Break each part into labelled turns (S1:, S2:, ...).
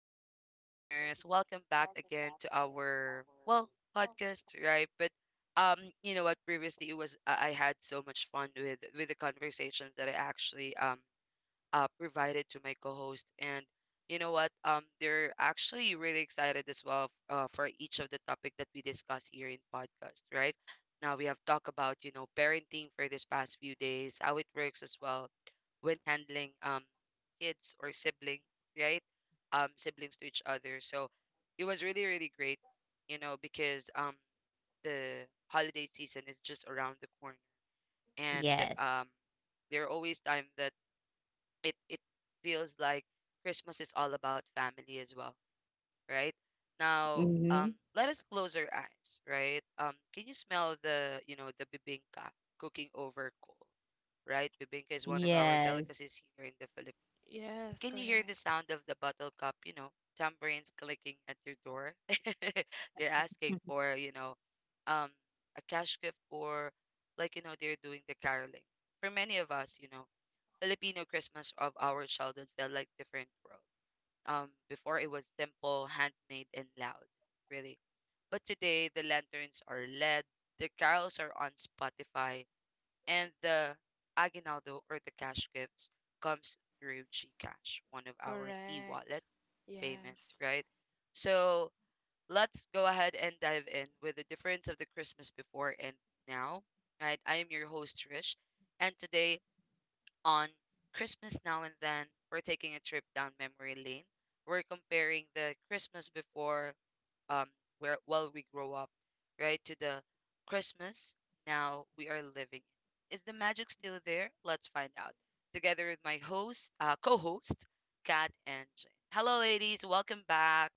S1: Hello, listeners. Welcome back again to our well podcast, right? But you know what? Previously, it was I had so much fun with the conversations that I actually provided to my co-host. And you know what? They're actually really excited as well for each of the topic that we discuss here in podcast, right? Now we have talked about parenting for this past few days, how it works as well when handling kids or siblings, right? Siblings to each other. So it was really great, you know, because the holiday season is just around the corner, and
S2: Yes.
S1: um there are always time that it feels like Christmas is all about family as well, right? Now, um,
S2: Mhm.
S1: Let us close our eyes, right? Can you smell the the bibingka cooking over coal, right? Bibingka is one of our
S2: Yes.
S1: delicacies here in the Philippines.
S3: Yes,
S1: Can you hear the
S3: correct.
S1: sound of the bottle cup? Tambourines clicking at your door. They're asking for um, a cash gift, or they're doing the caroling. For many of us, Filipino Christmas of our childhood felt like different world. Before it was simple, handmade, and loud, really. But today, the lanterns are LED, the carols are on Spotify, and the aguinaldo, or the cash gifts, comes through GCash, one of our
S3: Correct.
S1: e-wallet payment,
S3: Yes.
S1: right? So let's go ahead and dive in with the difference of the Christmas before and now, right? I am your host Trish, and today on Christmas Now and Then, we're taking a trip down memory lane. We're comparing the Christmas before, um, where while we grow up, right, to the Christmas now we are living. Is the magic still there? Let's find out. Together with my host, co-host, Kat and Jane. Hello, ladies. Welcome back.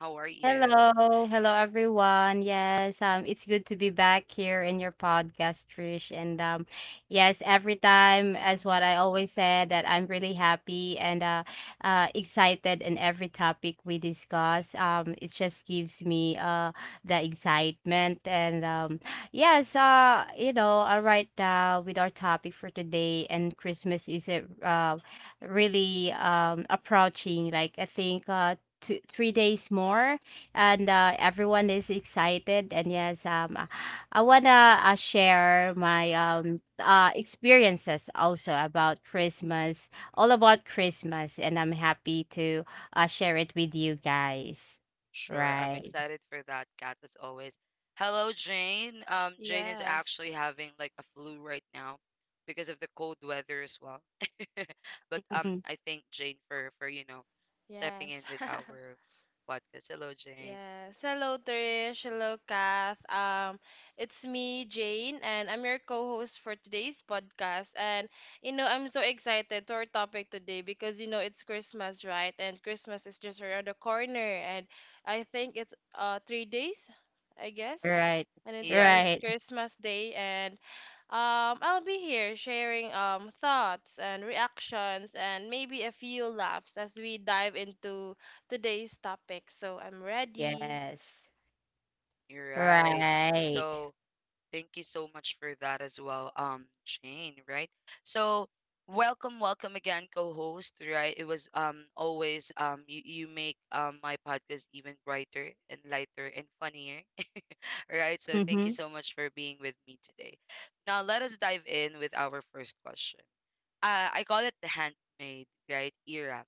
S1: How are you?
S2: Hello, hello everyone. Yes, it's good to be back here in your podcast, Trish. And yes, every time, as what I always said, that I'm really happy and excited in every topic we discuss. It just gives me the excitement and yes, right now with our topic for today, and Christmas is a really approaching. Like I think 2, 3 days more and everyone is excited. And yes, I wanna share my experiences also about Christmas, all about Christmas, and I'm happy to share it with you guys.
S1: Sure. I'm
S2: Right.
S1: excited for that, Kat, as always. Hello, Jane. Jane is actually
S3: Yes.
S1: having like a flu right now because of the cold weather as well. But I thank Jane for stepping in
S3: Yes.
S1: with our podcast. Hello, Jane.
S3: Yes. Hello, Trish. Hello, Kath. It's me, Jane, and I'm your co-host for today's podcast. And I'm so excited to our topic today because it's Christmas, right? And Christmas is just around the corner, and I think it's 3 days, I guess.
S2: Right,
S3: And it's,
S1: Yeah,
S3: it's
S2: right.
S1: yeah, yeah.
S3: Christmas Day, and I'll be here sharing thoughts and reactions and maybe a few laughs as we dive into today's topic. So I'm ready.
S2: Yes,
S1: You're right.
S2: right.
S1: So thank you so much for that as well, Shane, right? So welcome, welcome again, co-host, right? It was always you, you make my podcast even brighter and lighter and funnier, right? So thank you
S2: Mm-hmm.
S1: so much for being with me today. Now let us dive in with our first question. Uh, I call it the handmade, right, era.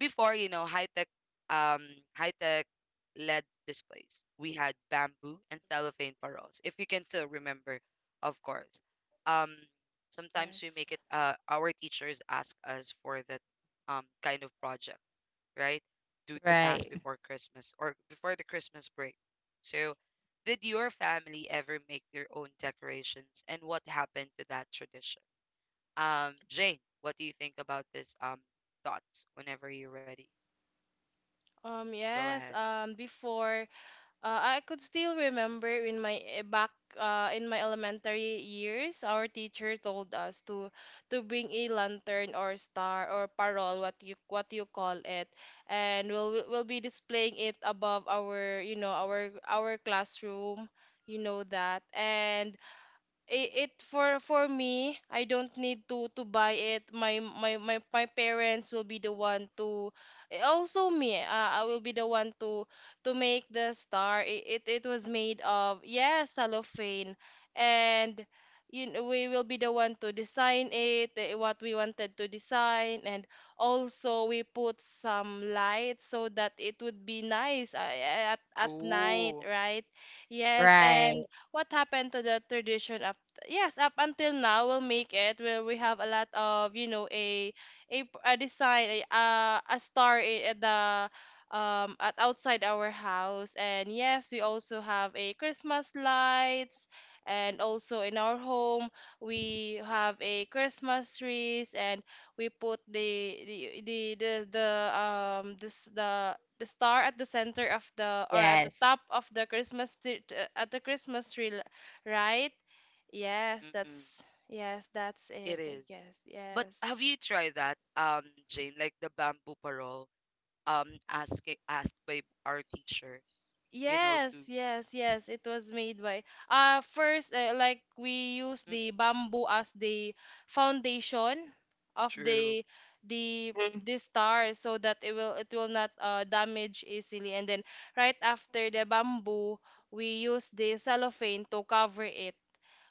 S1: Before, you know, um high-tech LED displays. We had bamboo and cellophane paroles. If you can still remember, of course. Um, sometimes we make
S3: Yes.
S1: it, uh, our teachers ask us for that kind of project, right? Due to pass
S2: Right,
S1: before Christmas or before the Christmas break. So did your family ever make their own decorations, and what happened to that tradition? Jane, what do you think about this thoughts? Whenever you're ready, go ahead.
S3: Yes, before I could still remember in my back in my elementary years our teacher told us to bring a lantern or star or parol, what you call it, and we'll be displaying it above our, our classroom, that. And it, for me, I don't need to buy it. My parents will be the one to, eh, also me I will be the one to make the star. It was made of, yes, cellophane, and, we will be the one to design it, what we wanted to design. And also we put some lights so that it would be nice, at night,
S1: Ooh.
S3: right? Yes.
S2: right.
S3: And what happened to the tradition? Yes, up until now we'll make it where we have a lot of, a a design, a star, at the, at outside our house. And yes, we also have a Christmas lights, and also in our home we have a Christmas trees. And we put the this the star at the center of the, or at the
S2: Yes.
S3: top of the Christmas tree, at the Christmas tree, right? Yes,
S1: Mm-mm,
S3: that's, yes, that's
S1: it
S3: it, I
S1: is.
S3: guess.
S1: But
S3: Yes.
S1: have you tried that, Jane? Like the bamboo parole, asked by our teacher, you know, to
S3: Yes, yes,
S1: Mm-mm,
S3: yes. It was made by first, like we use the bamboo as the foundation of
S1: true.
S3: the the
S2: Mhm.
S3: star, so that it will not damage easily, and then right after the bamboo we use the cellophane to cover it.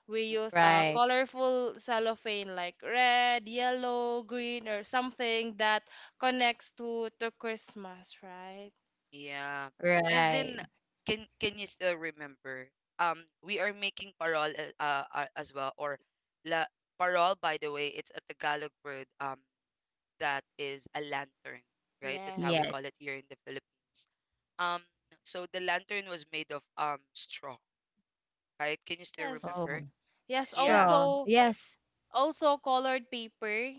S3: We
S1: Mm,
S3: use a
S2: Right,
S3: colorful cellophane like red, yellow, green, or something that connects to Christmas, right?
S1: yeah. And then,
S2: right.
S1: can you still remember? We are making parol as well, or la parol. By the way, it's a Tagalog word. That is a lantern, right? That's how we
S3: Yes.
S2: Yes.
S1: call it here in the Philippines. Um, so the lantern was made of straw, right? Can you still
S3: Yes.
S1: remember?
S2: Oh,
S3: Yes,
S1: Yeah.
S2: straw.
S3: also
S2: Yes.
S3: also colored paper.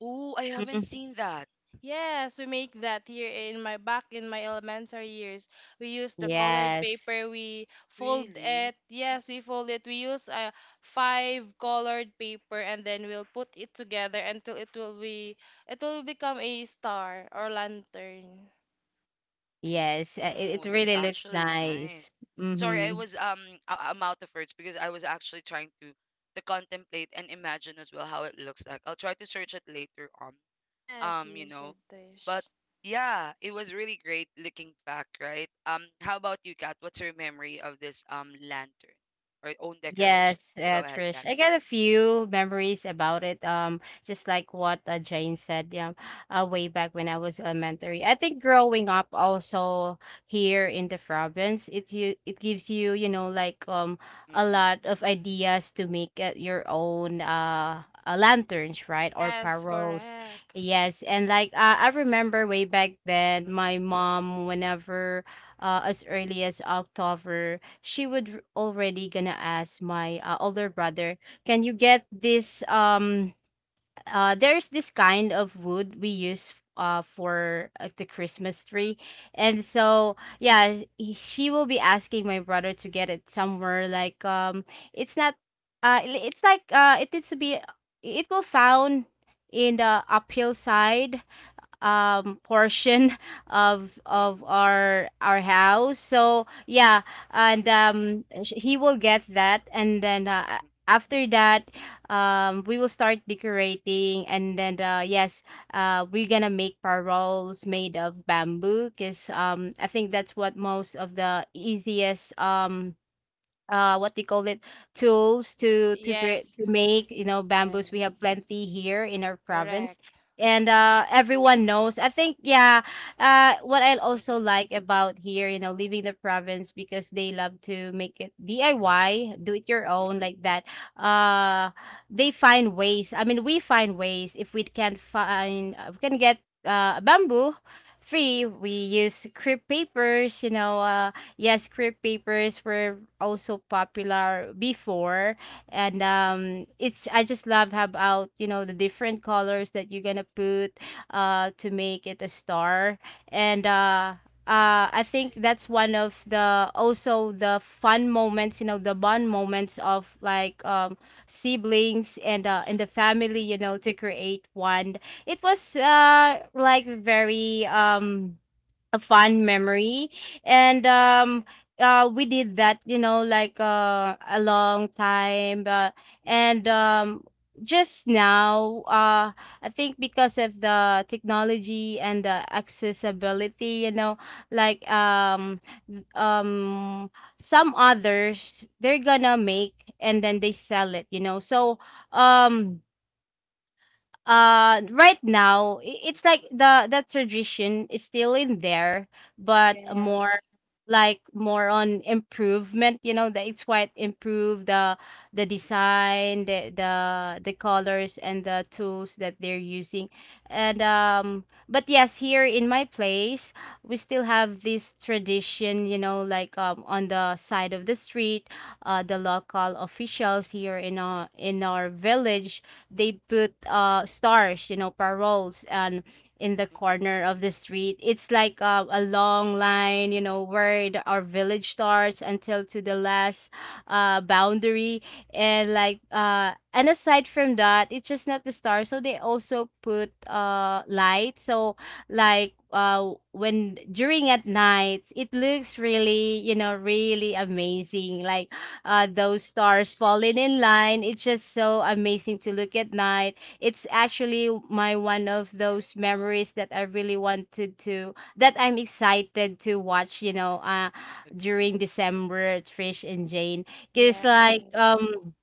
S1: Oh, I haven't seen that.
S3: Yes, we make that here in my, back in my elementary years. We use the colored
S2: Yes,
S3: paper, we fold it.
S1: Really?
S3: Yes, we fold it. We use, five colored paper, and then we'll put it together until it will become a star or lantern.
S2: yes, it
S1: Oh,
S2: it
S1: that's
S2: really looks
S1: actually nice.
S2: nice.
S1: Sorry, I
S2: Mhm.
S1: was um, I'm out of words because I was actually trying to contemplate and imagine as well how it looks like. I'll try to search it later on.
S3: Yes,
S1: Um, you
S3: you
S1: know,
S3: should
S1: but
S3: dish.
S1: yeah, it was really great looking back, right? Um, how about you, Kat? What's your memory of this lantern or own decorations?
S2: Yes,
S1: Go ahead, Kat.
S2: Trish. I got a few memories about it. Just like what Jane said, yeah, way back when I was elementary. I think growing up also here in the province, it gives you, like a
S1: Mm-mm,
S2: lot of ideas to make your own lanterns, right, or
S3: Yes,
S2: parols.
S3: correct.
S2: Yes, and like I remember way back then, my
S1: mm-mm,
S2: mom, whenever as early as October, she would already gonna ask my older brother, "Can you get this there's this kind of wood we use for the Christmas tree." And so, yeah, she will be asking my brother to get it somewhere like it's not it's like it needs to be it will found in the uphill side portion of
S1: mm-mm,
S2: our house, so yeah. And he will get that, and then
S1: mm-mm,
S2: after that we will start decorating, and then yes, we're gonna make paroles made of bamboo, because I think that's what most of the easiest, what do you call it, tools
S3: Yes,
S2: to make. Bamboos, we have
S3: yes,
S2: plenty here in our province,
S3: correct.
S2: and everyone knows, I think. Yeah, what I
S1: mm-mm,
S2: also
S1: mm-mm,
S2: like about here, leaving the province, because they love to make it DIY, do it your
S1: mm-mm, mm-mm,
S2: own,
S1: mm-mm, mm-mm,
S2: like that. uh they find ways, I mean, we find ways. If we can find, we can get bamboo free, we use crepe papers, yes, crepe papers were also popular before, and it's I just love how about, the different colors that you're gonna put to make it a star, and. I think that's one of the, also the fun moments, the bond moments, of like, siblings and the family,
S1: true.
S2: to create one. It was like, very, a fun memory, and we did that, like, a long time,
S1: Mm-mm, mm-mm,
S2: and just now, I think, because of the technology and the accessibility, like, th- um some others, they're gonna make and then they sell it, so um right now, it's
S1: mm-mm,
S2: like
S1: mm-mm,
S2: the tradition is still in there, but more,
S3: Yes,
S2: like, more on improvement. You know that it's quite improved, the
S1: mm-mm,
S2: design, the colors, and the tools that they're using. And but yes, here in my place we still have this tradition, like on the side of the street. The local officials here in our village, they put stars, paroles, and in the
S1: mm-mm, mm-mm,
S2: corner of the street. It's like a long line, where our village starts until to the last boundary. And like, and aside from that, it's just not the star. So they also put light. So, like, when, during at night, it looks really, really amazing. Like, those stars falling in line. It's just so amazing to look at night. It's actually my one of those memories that I really wanted to, that I'm excited to watch,
S1: agree.
S2: during December, Trish and Jane. Because,
S1: Mm-mm,
S2: like,
S3: yes,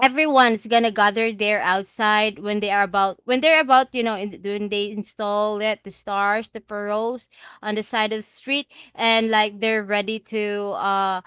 S2: everyone's gonna gather there outside, when they're about you know in, when they install it, the stars, the pearls, on the side of the street, and like, they're ready to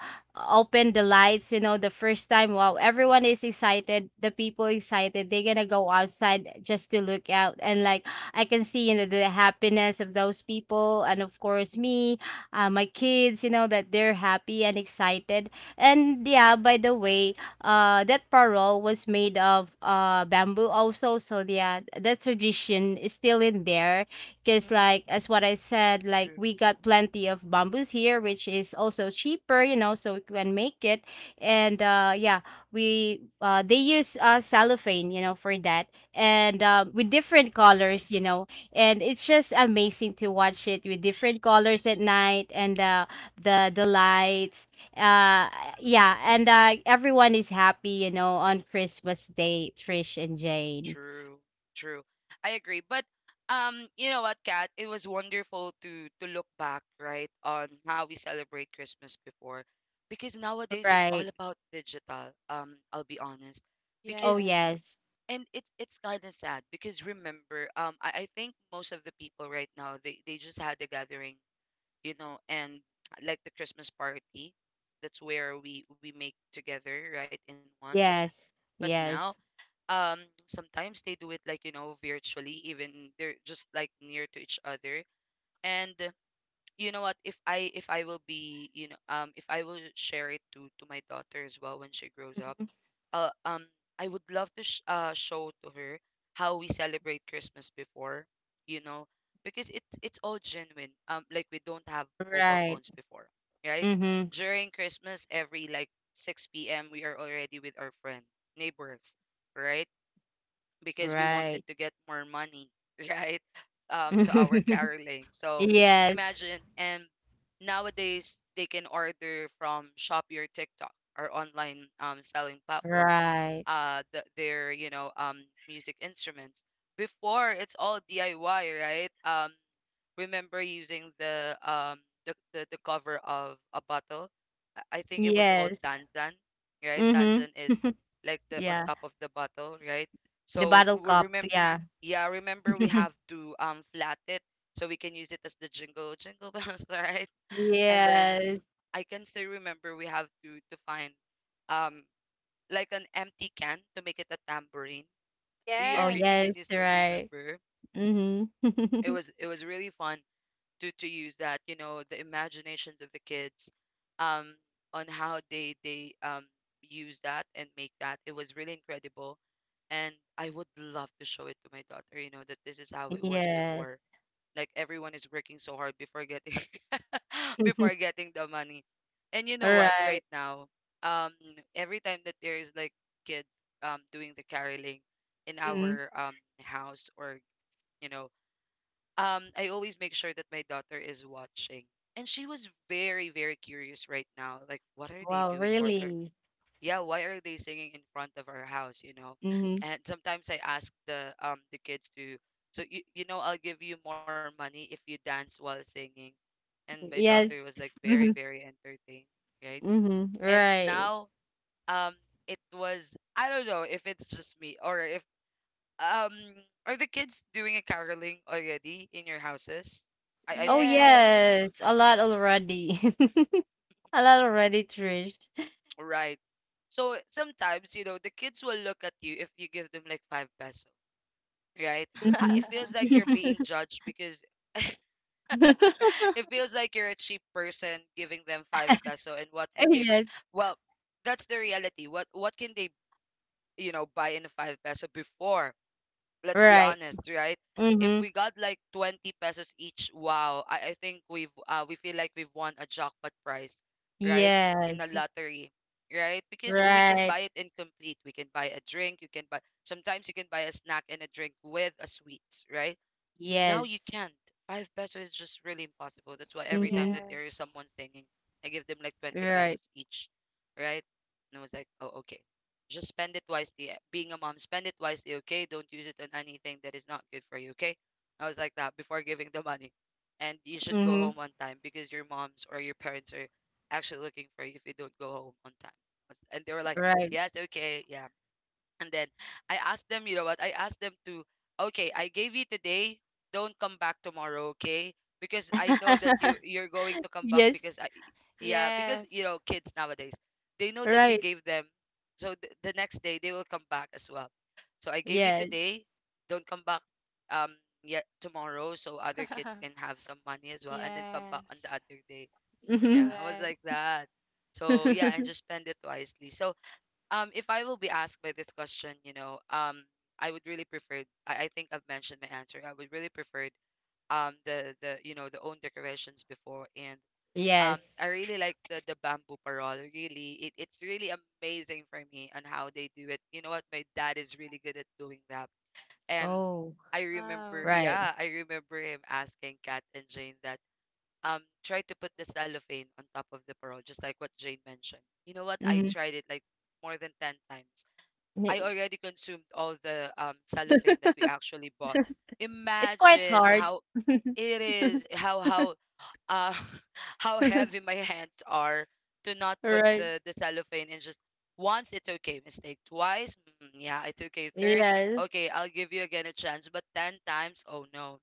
S2: open the lights, the first time. Wow, everyone is excited, the people excited, they're gonna go outside just to look out, and like, I can see, the happiness of those people, and of course me, my kids, you know, that they're happy and excited. And yeah, by the way, that parole was
S1: mm-mm,
S2: made of bamboo also. So yeah, that tradition is still in there. Cause,
S1: mm-mm,
S2: like, as what I said, like,
S1: true.
S2: we got plenty of bamboos here, which is also cheaper, so we can make it. And yeah, we they use cellophane, for that, and with different colors, and it's just amazing to watch it with different colors at night, and the lights, uh yeah, and everyone is happy, on Christmas Day, Trish and Jane.
S1: True, true. I agree. But you know what, Kat? It was wonderful to look back, right, on how we celebrate Christmas before. Because nowadays it's
S2: Right.
S1: all about digital, I'll be honest.
S2: Oh,
S1: Because
S2: yes,
S3: yes,
S1: and it's kind of sad because, remember, I think most of the people right now they just had a gathering, you know, and like the Christmas party. That's where we make together, right, in one.
S2: yes,
S1: But
S2: yes.
S1: now, um, sometimes they do it like you know virtually, even they're just like near to each other. And you know what, if I will be, you know, um, if I will share it to my daughter as well when she grows up,
S2: Mhm.
S1: uh, um I would love to show to her how we celebrate Christmas before, you know, because it's all genuine. Um, like we don't have mobile
S2: Right.
S1: phones before, right?
S2: Mm-hmm.
S1: During Christmas, every like 6 p.m. we are already with our friends, neighbors, right? Because we wanted
S2: Right.
S1: to get more money, right? To our caroling. So
S2: Yes.
S1: imagine, and nowadays they can order from Shopee or TikTok or online um selling platform.
S2: Right.
S1: Their you know music instruments. Before it's all DIY, right? Remember using the the cover of a bottle. I think it was called
S2: Yes.
S1: Tanzan, right?
S2: Mm-hmm.
S1: Tanzan is like the on
S2: Yeah,
S1: top of the bottle, right?
S2: the
S1: So
S2: bottle
S1: we
S2: cup,
S1: remember,
S2: yeah.
S1: yeah, remember we have to flat it so we can use it as the jingle, jingle bells, right? And then
S2: Yes.
S1: I can still remember we have to find um like an empty can to make it a tambourine. Do you
S2: Oh,
S1: agree? You
S2: yes.
S1: can
S3: yes.
S1: you still
S2: Right.
S1: remember?
S2: Mm-hmm.
S1: It was really fun to use that, you know, the imaginations of the kids, um, on how they use that and make that. It was really incredible. And I would love to show it to my daughter, you know, that this is how it was
S2: Yes.
S1: before, like everyone is working so hard before getting before getting the money. And you know what,
S2: Right.
S1: right now, um, every time that there is like kids doing the caroling in
S2: Mm.
S1: our house, or, you know, I always make sure that my daughter is watching. And she was very curious right now. Like, what are they
S2: Wow,
S1: doing?
S2: really?
S1: Yeah, why are they singing in front of our house, you know?
S2: Mhm.
S1: And sometimes I ask the kids to, so you know, I'll give you more money if you dance while singing. And my daughter was
S2: Yes.
S1: like very,
S2: Mhm.
S1: very entertained, right?
S2: Mhm.
S1: And
S2: Right.
S1: now, um, it was, I don't know if it's just me, or if, um, are the kids doing a caroling already in your houses? I
S2: Oh,
S1: think so.
S2: yes.
S3: Yes.
S2: A lot already. A lot already, Trish.
S1: Right. So sometimes, you know, the kids will look at you if you give them like 5 peso, right? Ah, it
S2: Mhm.
S1: feels like you're being judged because, it feels like you're a cheap person giving them 5 peso, and what could they
S2: Yes.
S1: well, that's the reality. What can they, you know, buy in a 5 peso before? Let's be
S2: Right.
S1: honest, right? If
S2: Mhm.
S1: we got like 20 pesos each, wow, I think we've we feel like we've won a jackpot prize, right? In a
S2: Yes.
S1: lottery, right? Because we can
S2: Right.
S1: buy it incomplete. We can buy a drink, you can buy, sometimes you can buy a snack and a drink with a sweets, right? Now you
S2: Yes.
S1: can't. 5 peso is just really impossible. That's why every time
S2: Mhm.
S1: that there is
S3: Yes.
S1: someone singing, I give them like 20
S2: Right.
S1: pesos each, right? And I was like, oh, okay. Just spend it wisely. Eh, being a mom, spend it wisely, okay? Don't use it on anything that is not good for you, okay? I was like that before giving the money. And you should go
S2: Mhm.
S1: home on time because your moms or your parents are actually looking for you if you don't go home on time. Was- and they were like,
S2: Right.
S1: yes, okay, yeah. And then I asked them, you know what? I asked them to, okay, I gave you today. Don't come back tomorrow, okay? Because I know that you're going to come back
S2: Yes.
S1: because yeah, because you
S3: Yes.
S1: know kids nowadays they know that you
S2: Right.
S1: gave them, so the next day they will come back as well. So I gave you
S2: Yes.
S1: today. Don't come back um yet tomorrow, so other kids can have some money as well, and then come back on the
S3: Yes.
S1: other day. Yeah,
S2: Mhm.
S1: I was
S3: Correct.
S1: like that. So yeah, and just spend it wisely. So if I will be asked by this question, I would really prefer. I think I've mentioned my answer. I would really prefer the the own decorations before, and
S2: Yes.
S1: I really like the bamboo parol. Really, it's really amazing for me on how they do it. You know what? My dad is really good at doing that, and
S2: Oh,
S1: I remember,
S3: Wow.
S2: right.
S1: yeah, I remember him asking Kat and Jane that try to put the cellophane on top of the parol, just like what Jane mentioned. You know what? I
S2: Mhm.
S1: tried it like more than 10 times. I already consumed all the cellophane that we actually bought.
S2: It's quite
S1: Imagine
S2: hard.
S1: how it is, how uh, how heavy my hands are to not put
S2: Right.
S1: the cellophane in. Just once it's okay. Mistake twice, mm, yeah, it's okay. Third,
S2: Yes.
S1: okay, I'll give you again a chance, but ten times, oh no,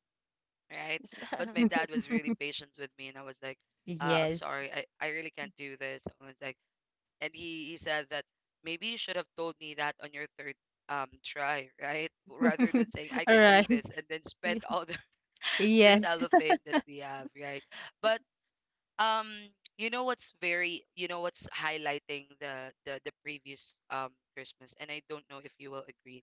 S1: right?
S3: Yes.
S1: But my dad was really patient with me, and I was like, I'm
S2: Yes.
S1: sorry, I really can't do this. I was like, and he said that maybe you should have told me that on your third try, right, rather than saying I
S2: All
S1: can do
S2: right.
S1: this and then spend all the, the
S2: Yes.
S1: cellophane that we have, right. But um you know what's highlighting the previous Christmas, and I don't know if you will agree.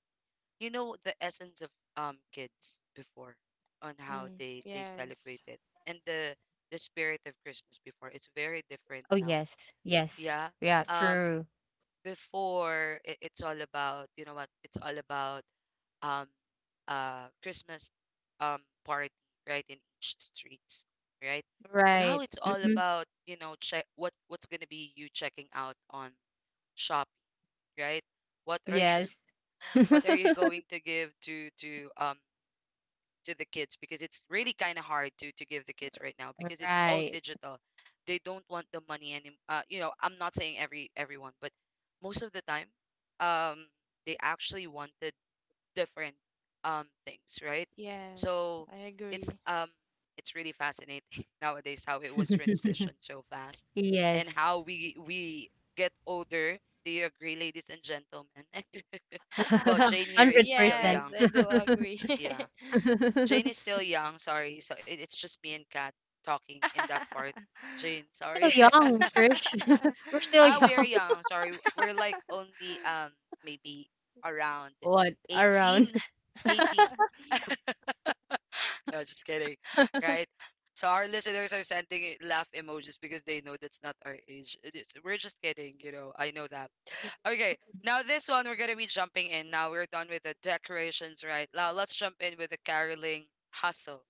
S1: The essence of kids before, on how
S3: Mm,
S1: they celebrate
S3: yes.
S1: it, and the spirit of Christmas before, it's very different
S2: Oh,
S1: now.
S2: yes. Yes.
S1: Yeah.
S2: Yeah,
S1: um
S2: true.
S1: Before it's all about, you know what, it's all about um Christmas party, right, in each streets, right.
S2: Right.
S1: Now it's all
S2: Hmm.
S1: about, check what's going to be you checking out on Shopee, right, what are you
S2: Yes.
S1: what are you going to give to to the kids, because it's really kind of hard to give the kids right now because it's all
S2: Right.
S1: digital. They don't want the money anymore. I'm not saying everyone, but most of the time, um, they actually wanted different things, right?
S3: Yes.
S1: So
S3: I
S1: it's
S3: agree.
S1: um it's really fascinating nowadays how it was transitioned so fast, and
S2: Yes.
S1: how we get older. Do you agree, ladies and gentlemen? Well, Jane here is still
S2: 100%.
S3: Yes,
S1: young.
S3: I do agree.
S1: Yeah. Jane is still young, sorry. So it's just me and Kat talking in that part. Jane,
S2: Still
S1: sorry.
S2: young, Trish. We're still
S1: Ah, we are
S2: young.
S1: young, sorry. We're like only maybe around
S2: What? Around.
S1: 18. 18. No, just kidding. Right? So our listeners are sending laugh emojis because they know that's not our age. We're just kidding. I know that. Okay, now this one we're gonna be jumping in. Now we're done with the decorations, right? Now let's jump in with the caroling hustle.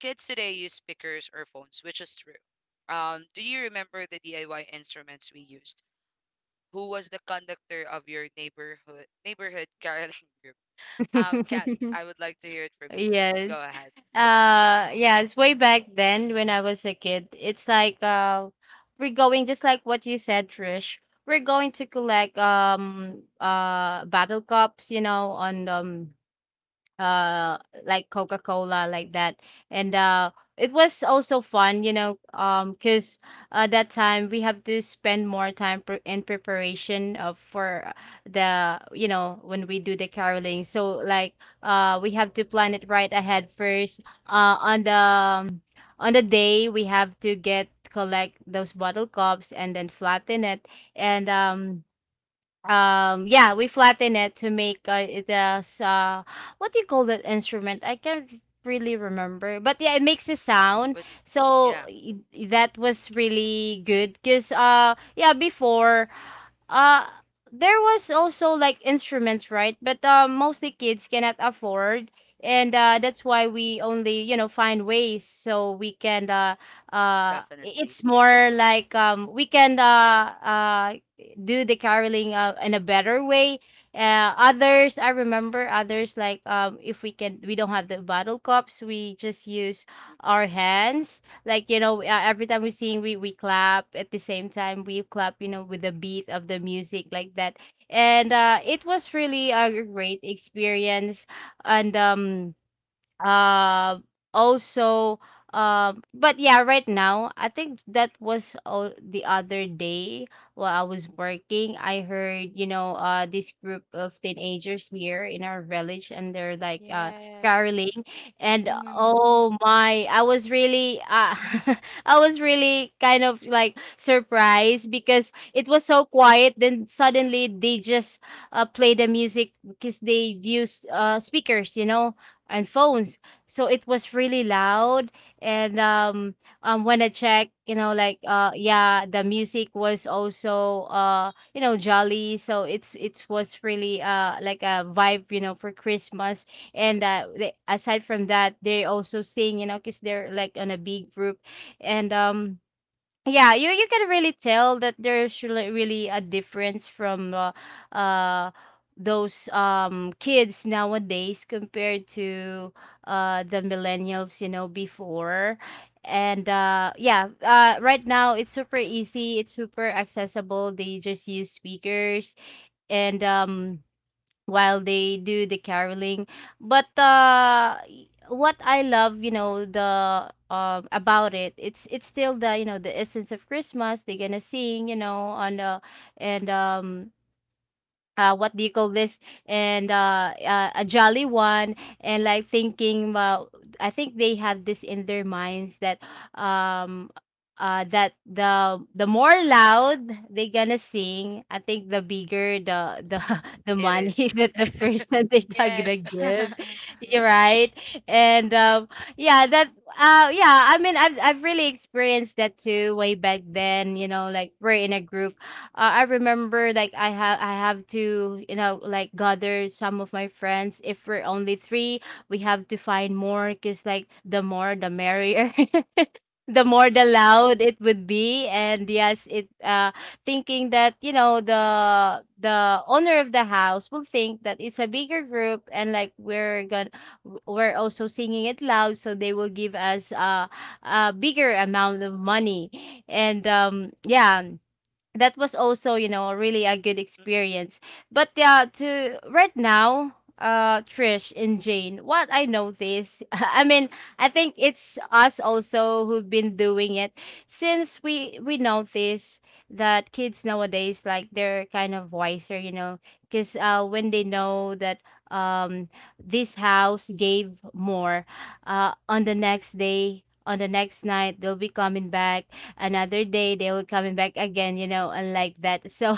S1: Kids today use speakers or phones, which is true. Do you remember the DIY instruments we used? Who was the conductor of your neighborhood caroling group? Kat, I would like to hear it from you first. Go
S2: Yes.
S1: ahead.
S2: Yes, way back then when I was a kid, it's like we're going, just like what you said, Trish. We're going to collect battle cups, on, uh like, Coca-Cola, like that, and it was also fun, because that time we have to spend more time, in preparation of for the, when we do the caroling. So, like, we have to plan it right ahead first, uh on the um, on the day we have to get collect those bottle cups and then flatten it. And yeah, we flatten it to make, it as what do you call that instrument, I can't really remember, but yeah, it makes a sound.
S1: Which,
S2: So,
S1: yeah,
S2: that was really good because, yeah, before, uh there was also, like, instruments, right, but mostly kids cannot afford, and that's why we only, find ways so we can,
S1: definitely.
S2: it's more like, we can, do the caroling, in a better way. Others, I remember others, like, if we can, we don't have the bottle cups, we just use
S1: Mm-mm.
S2: our hands. Like, every time we sing, we clap at the same time. We clap, with the beat of the music, like that, and it was really a great experience. And um also, but yeah, right now I think that was all the other day, while I was working. I heard, this group of teenagers here in our village, and they're like
S3: Yes.
S2: caroling, and
S3: Mm,
S2: oh my, I was really I was really kind of, like, surprised, because it was so quiet, then suddenly they just play the music, because they used speakers, and phones. So it was really loud. And when I checked, like, yeah, the music was also jolly. So it was really, like, a vibe, for Christmas. And aside from that, they also sing, because they're like on a big group, and yeah, you can really tell that there's really, really a difference from uh those kids nowadays, compared to the millennials, before. And yeah, right now it's super easy, it's super accessible, they just use speakers, and while they do the caroling. But what I love, you know, the about it, it's still the you know the essence of Christmas. They're gonna sing, you know, on the and what do you call this? And A jolly one. And like thinking I think they have this in their minds that um that the more loud they gonna sing, I think the bigger the the
S1: It is.
S2: money that the person they are gonna
S3: yes.
S2: give.
S1: Mm-mm,
S2: You're right. and yeah that yeah, I mean I've really experienced that too way back then, you know, like we're in a group. I remember, like, I have to, you know, like, gather some of my friends. If we're only three, we have to find more because, like, the more the merrier. The more the
S1: mm-mm,
S2: loud it would be, and yes, it thinking that, you know, the owner of the house will think that it's a bigger group, and like we're gonna, we're also singing it loud, so they will give us a bigger amount of money. And Yeah, that was also, you know, really a good
S1: mm-mm,
S2: experience. But yeah, to right now, Trish and Jane, what I notice, I
S1: mm-mm,
S2: mean,
S1: mm-mm.
S2: I think it's us also who've been doing it, since we notice that kids nowadays, like, they're kind of wiser, you know, because when they know that um this house gave more, on the next day, on the next night, they'll be coming back. Another day they will coming back again, you know, and like that. So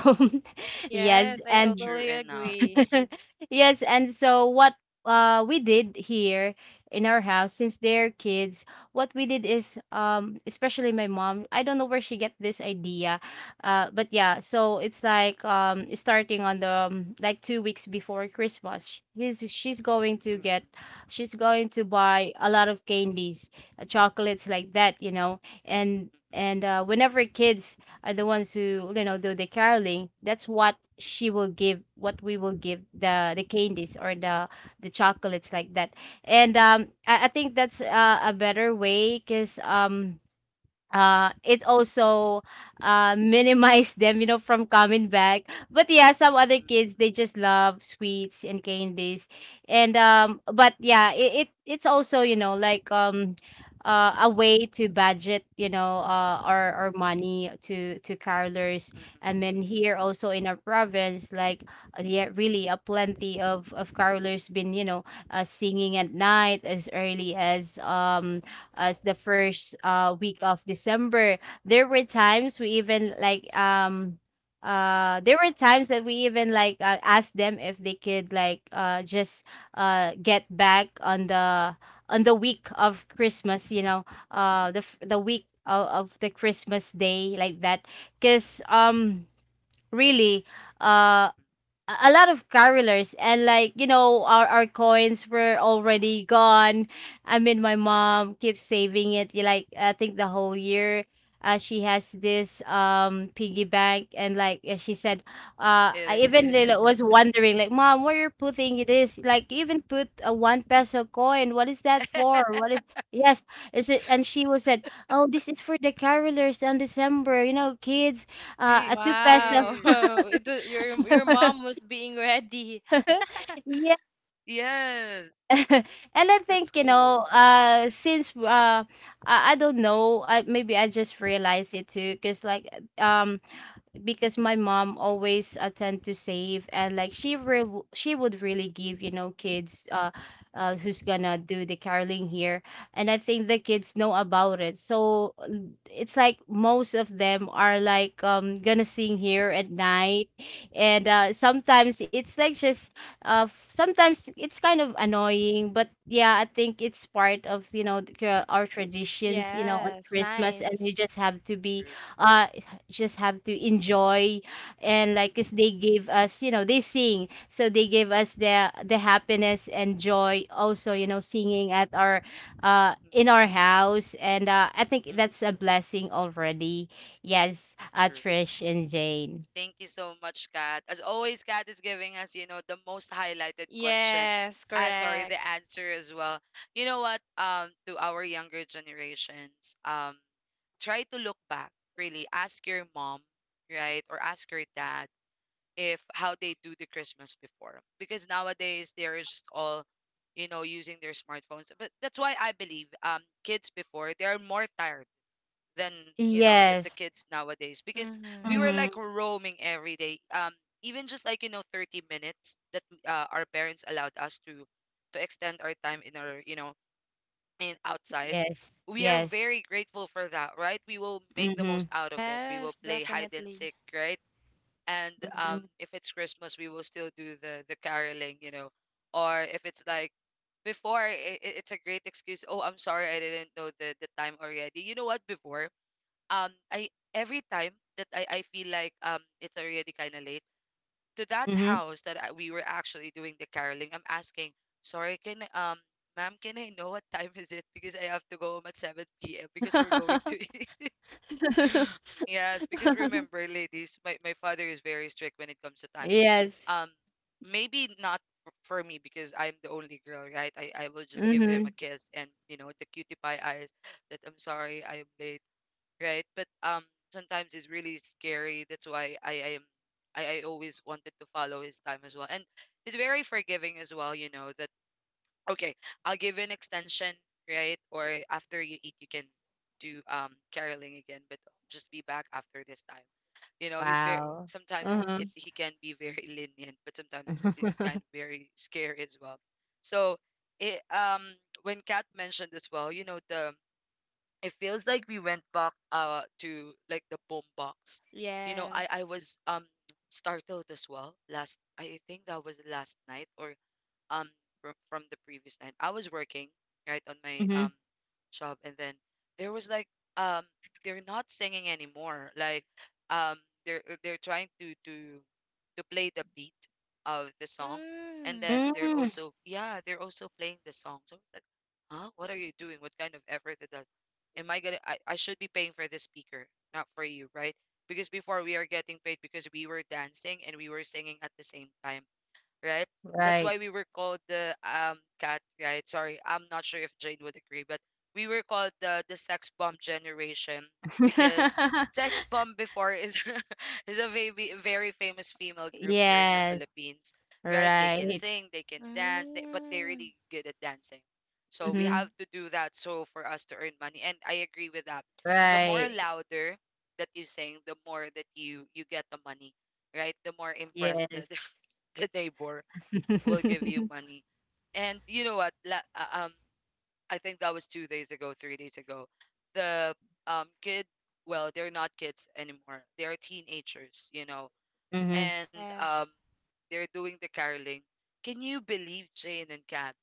S2: yes,
S3: Yes, I
S2: and
S3: totally
S1: True enough.
S3: agree.
S2: yes, and so what we did here in our house, since they're kids, what we did is, especially my mom, I don't know where she get this idea. But yeah, so it's like, starting on the like 2 weeks before Christmas, she's going to get,
S1: Mm-mm,
S2: she's going to buy a lot of candies, chocolates, like that, you know. And
S1: mm-mm,
S2: and uh whenever kids are the ones who, you know, do the caroling, that's what she will give, what we will give, the candies or the chocolates,
S1: mm-mm,
S2: like that. I think that's a better way, because it also minimized them, you know, from coming back. But yeah, some other kids, they just love sweets and candies. And um but yeah, it it's also, you know, like, a way to budget, you know, our money to carolers.
S1: mm-mm,
S2: And then here also in our province, like, yeah, really a plenty of carolers been, you know, singing at night, as early as the first week
S1: mm-mm,
S2: of December. There were times we even like,
S1: mm-mm,
S2: there were times that we even like, asked them if they could like, just get back on the, on the week of Christmas, you know, the week of the Christmas day, like that, cuz really
S1: mm-mm.
S2: uh a lot of carolers, and, like, you know, our coins were already gone. I mean, my mom keeps saving it, like, I think the whole year. She has this piggy bank, and like, she said,
S1: It
S2: I even
S1: is.
S2: was wondering, like, "Mom, where you're putting this? Like, you even put a one peso coin. What is that for? What is, yes, is it?" And she was said, "Oh, this is for the carolers on December, you know, kids."
S1: The,
S2: A
S1: it
S2: two peso.
S3: Wow.
S1: is.
S3: It was, your mom was being ready.
S2: Yeah.
S1: Yes.
S2: And I
S1: That's
S2: think, you
S1: cool.
S2: know, I don't know, I maybe I just realized it too, because like, um because my mom always attend to save, and like she would really give, you know, kids, who's gonna do the caroling here. And I think the kids know about it, so it's like most of them are like, gonna sing here at night. And sometimes it's like just, sometimes it's kind of annoying, but yeah, I think it's part of, you know,
S1: Mm-mm, mm-mm,
S2: our traditions, you know, on
S3: Yes,
S2: Christmas, and
S3: nice.
S2: you just have to
S1: true.
S2: be, uh just have to enjoy. And like, 'cause they give us, you know, they sing, so they give us the happiness and joy also, you know, singing at our,
S1: Mm-mm,
S2: in our house. And I think
S1: mm-mm,
S2: that's a blessing already. Yes,
S1: true.
S2: Trish and Jane.
S1: Thank you so much, Kat. As always, Kat is giving us the most highlighted question.
S3: Yes,
S1: Ah, sorry, the
S3: correct.
S1: answer as well. You know what? To our younger generations, try to look back. Really, ask your mom, right, or ask your dad if how they do the Christmas before. Because nowadays they are just all using their smartphones. But that's why I believe, kids before they are more tired than the
S2: Yes.
S1: kids nowadays, because we
S3: Mm-hmm.
S1: were
S2: Mm-hmm.
S1: like roaming every day, even just like 30 minutes that our parents allowed us to extend our time in our in outside.
S2: Yes.
S1: We are
S2: Yes.
S1: very grateful for that, right? We will make the
S2: Mm-hmm.
S1: most out of it. We will
S3: Yes,
S1: play hide and
S3: definitely.
S1: seek, right. And
S2: Mm-hmm.
S1: if it's Christmas, we will still do the caroling, or if it's like before, it's a great excuse. Oh, I'm sorry, I didn't know the time already. You know what? Before, I every time that I feel like it's already kind of late to that
S2: Mm-hmm.
S1: house that we were actually doing the caroling, I'm asking, sorry, ma'am, can I know what time is it, because I have to go home at 7 p.m. because we're going to eat. Yes, because remember ladies, my father is very strict when it comes to time.
S2: Yes.
S1: um Maybe not for me because I'm the only girl, right? I will just give
S2: Mm-hmm.
S1: him a kiss and, you know, the cutie pie eyes that I'm sorry I am late, right? But sometimes it's really scary. That's why I always wanted to follow his time as well, and he's very forgiving as well. You know that, okay, I'll give you an extension, right? Or after you eat, you can do caroling again, but just be back after this time. You know, he's very
S2: Wow.
S1: sometimes
S2: Uh-huh.
S1: it
S3: Yes.
S1: he can be very lenient, but sometimes he kind of very scary as well. So it when Kat mentioned as well, you know the it feels like we went back to like the boom box. I
S3: Yes.
S1: was startled as well. Last, I think that was last night or um from the previous night. I was working right on my job, and then there was like um they're not singing anymore. Like um they're trying to play the beat of the song, and
S3: Mm.
S1: then they're
S2: Mm-hmm.
S1: also, yeah, they're also playing the song. So I was like, huh, what are you doing? What kind of effort is that? Am I gonna? I should be paying for the speaker, not for you, right? Because before we are getting paid because we were dancing and we were singing at the same time, right? That's
S2: Right.
S1: why we were called the cat, right? Sorry, I'm not sure if Jane would agree, but we were called the sex bomb generation, because sex bomb before is is a very, very famous female group here in the
S2: Yes,
S1: Philippines, right? They can
S2: right.
S1: sing, they can dance, but they're
S3: Mm.
S1: really good at dancing. So we have
S2: Mhm.
S1: to do that so for us to earn money. And I agree with that. The more
S2: Right.
S1: louder that you sing, the more that you get the money, right? The more impressed the,
S2: Yes.
S1: the neighbor will give you money. And you know what? I think that was 2 days ago, 3 days ago. The kid, well, they're not kids anymore. They're teenagers
S2: Mhm.
S1: and
S3: Yes.
S1: they're doing the caroling. Can you believe Jane and Kat?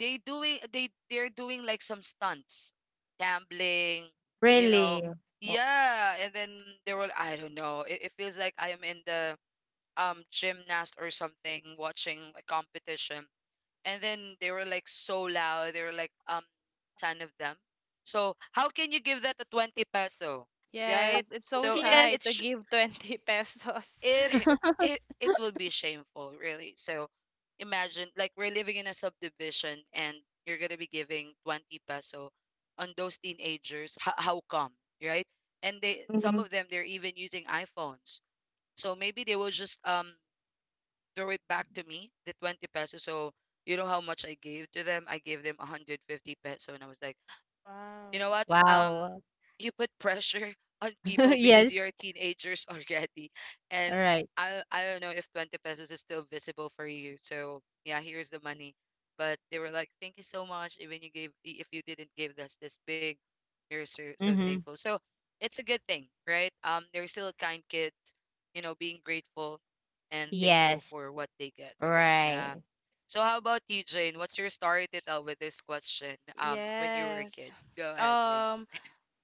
S1: They're doing like some stunts, gambling, you know.
S2: Really? Wo.
S1: Yeah, and then they were. I don't know. It feels like I am in the gymnast or something watching a competition, and then they were like so loud, they were like 10 of them. So how can you give that a 20 peso, right?
S3: Yes. It's so
S1: So
S2: Yes.
S3: shy to give 20 pesos.
S1: it it will be shameful really, so imagine like we're living in a subdivision, and you're going to be giving 20 peso on those teenagers. How come, right? And they some
S2: Mhm.
S1: of them, they're even using iPhones, so maybe they will just throw it back to me, the 20 pesos. So you know how much I gave to them? I gave them 150 peso, and I was like, you
S3: Wow.
S1: know what?
S2: Wow.
S1: You put pressure on people because
S2: Yes.
S1: you're teenagers already, and
S2: All right.
S1: I don't know if 20 pesos is still visible for you. So yeah, here's the money. But they were like, "Thank you so much. Even you gave, if you didn't give us this big, we're so, so
S2: Mhm.
S1: thankful." So it's a good thing, right? They're still kind kids being grateful and thankful
S2: Yes.
S1: for what they get.
S2: Right.
S1: Yeah. So how about you, Jane? What's your story to tell with this question? When you were a
S3: Yes.
S1: kid. Go ahead, Jane.
S3: Um,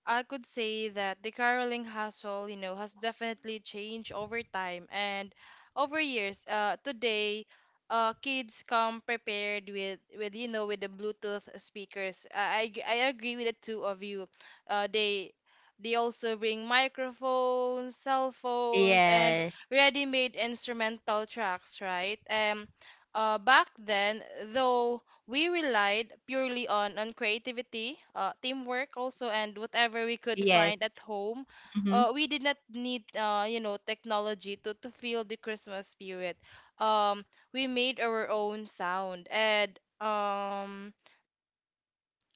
S3: I could say that the caroling hustle, has definitely changed over time and over years. Today, kids come prepared with, with the Bluetooth speakers. I agree with the two of you. Uh, they they also bring microphones, cell phones, and
S2: Yes.
S3: ready-made instrumental tracks, right? Back then, though, we relied purely on creativity, teamwork also, and whatever we could
S2: Yes.
S3: find at home.
S2: Mhm.
S3: We did not need, technology to, feel the Christmas spirit. Um, we made our own sound, and um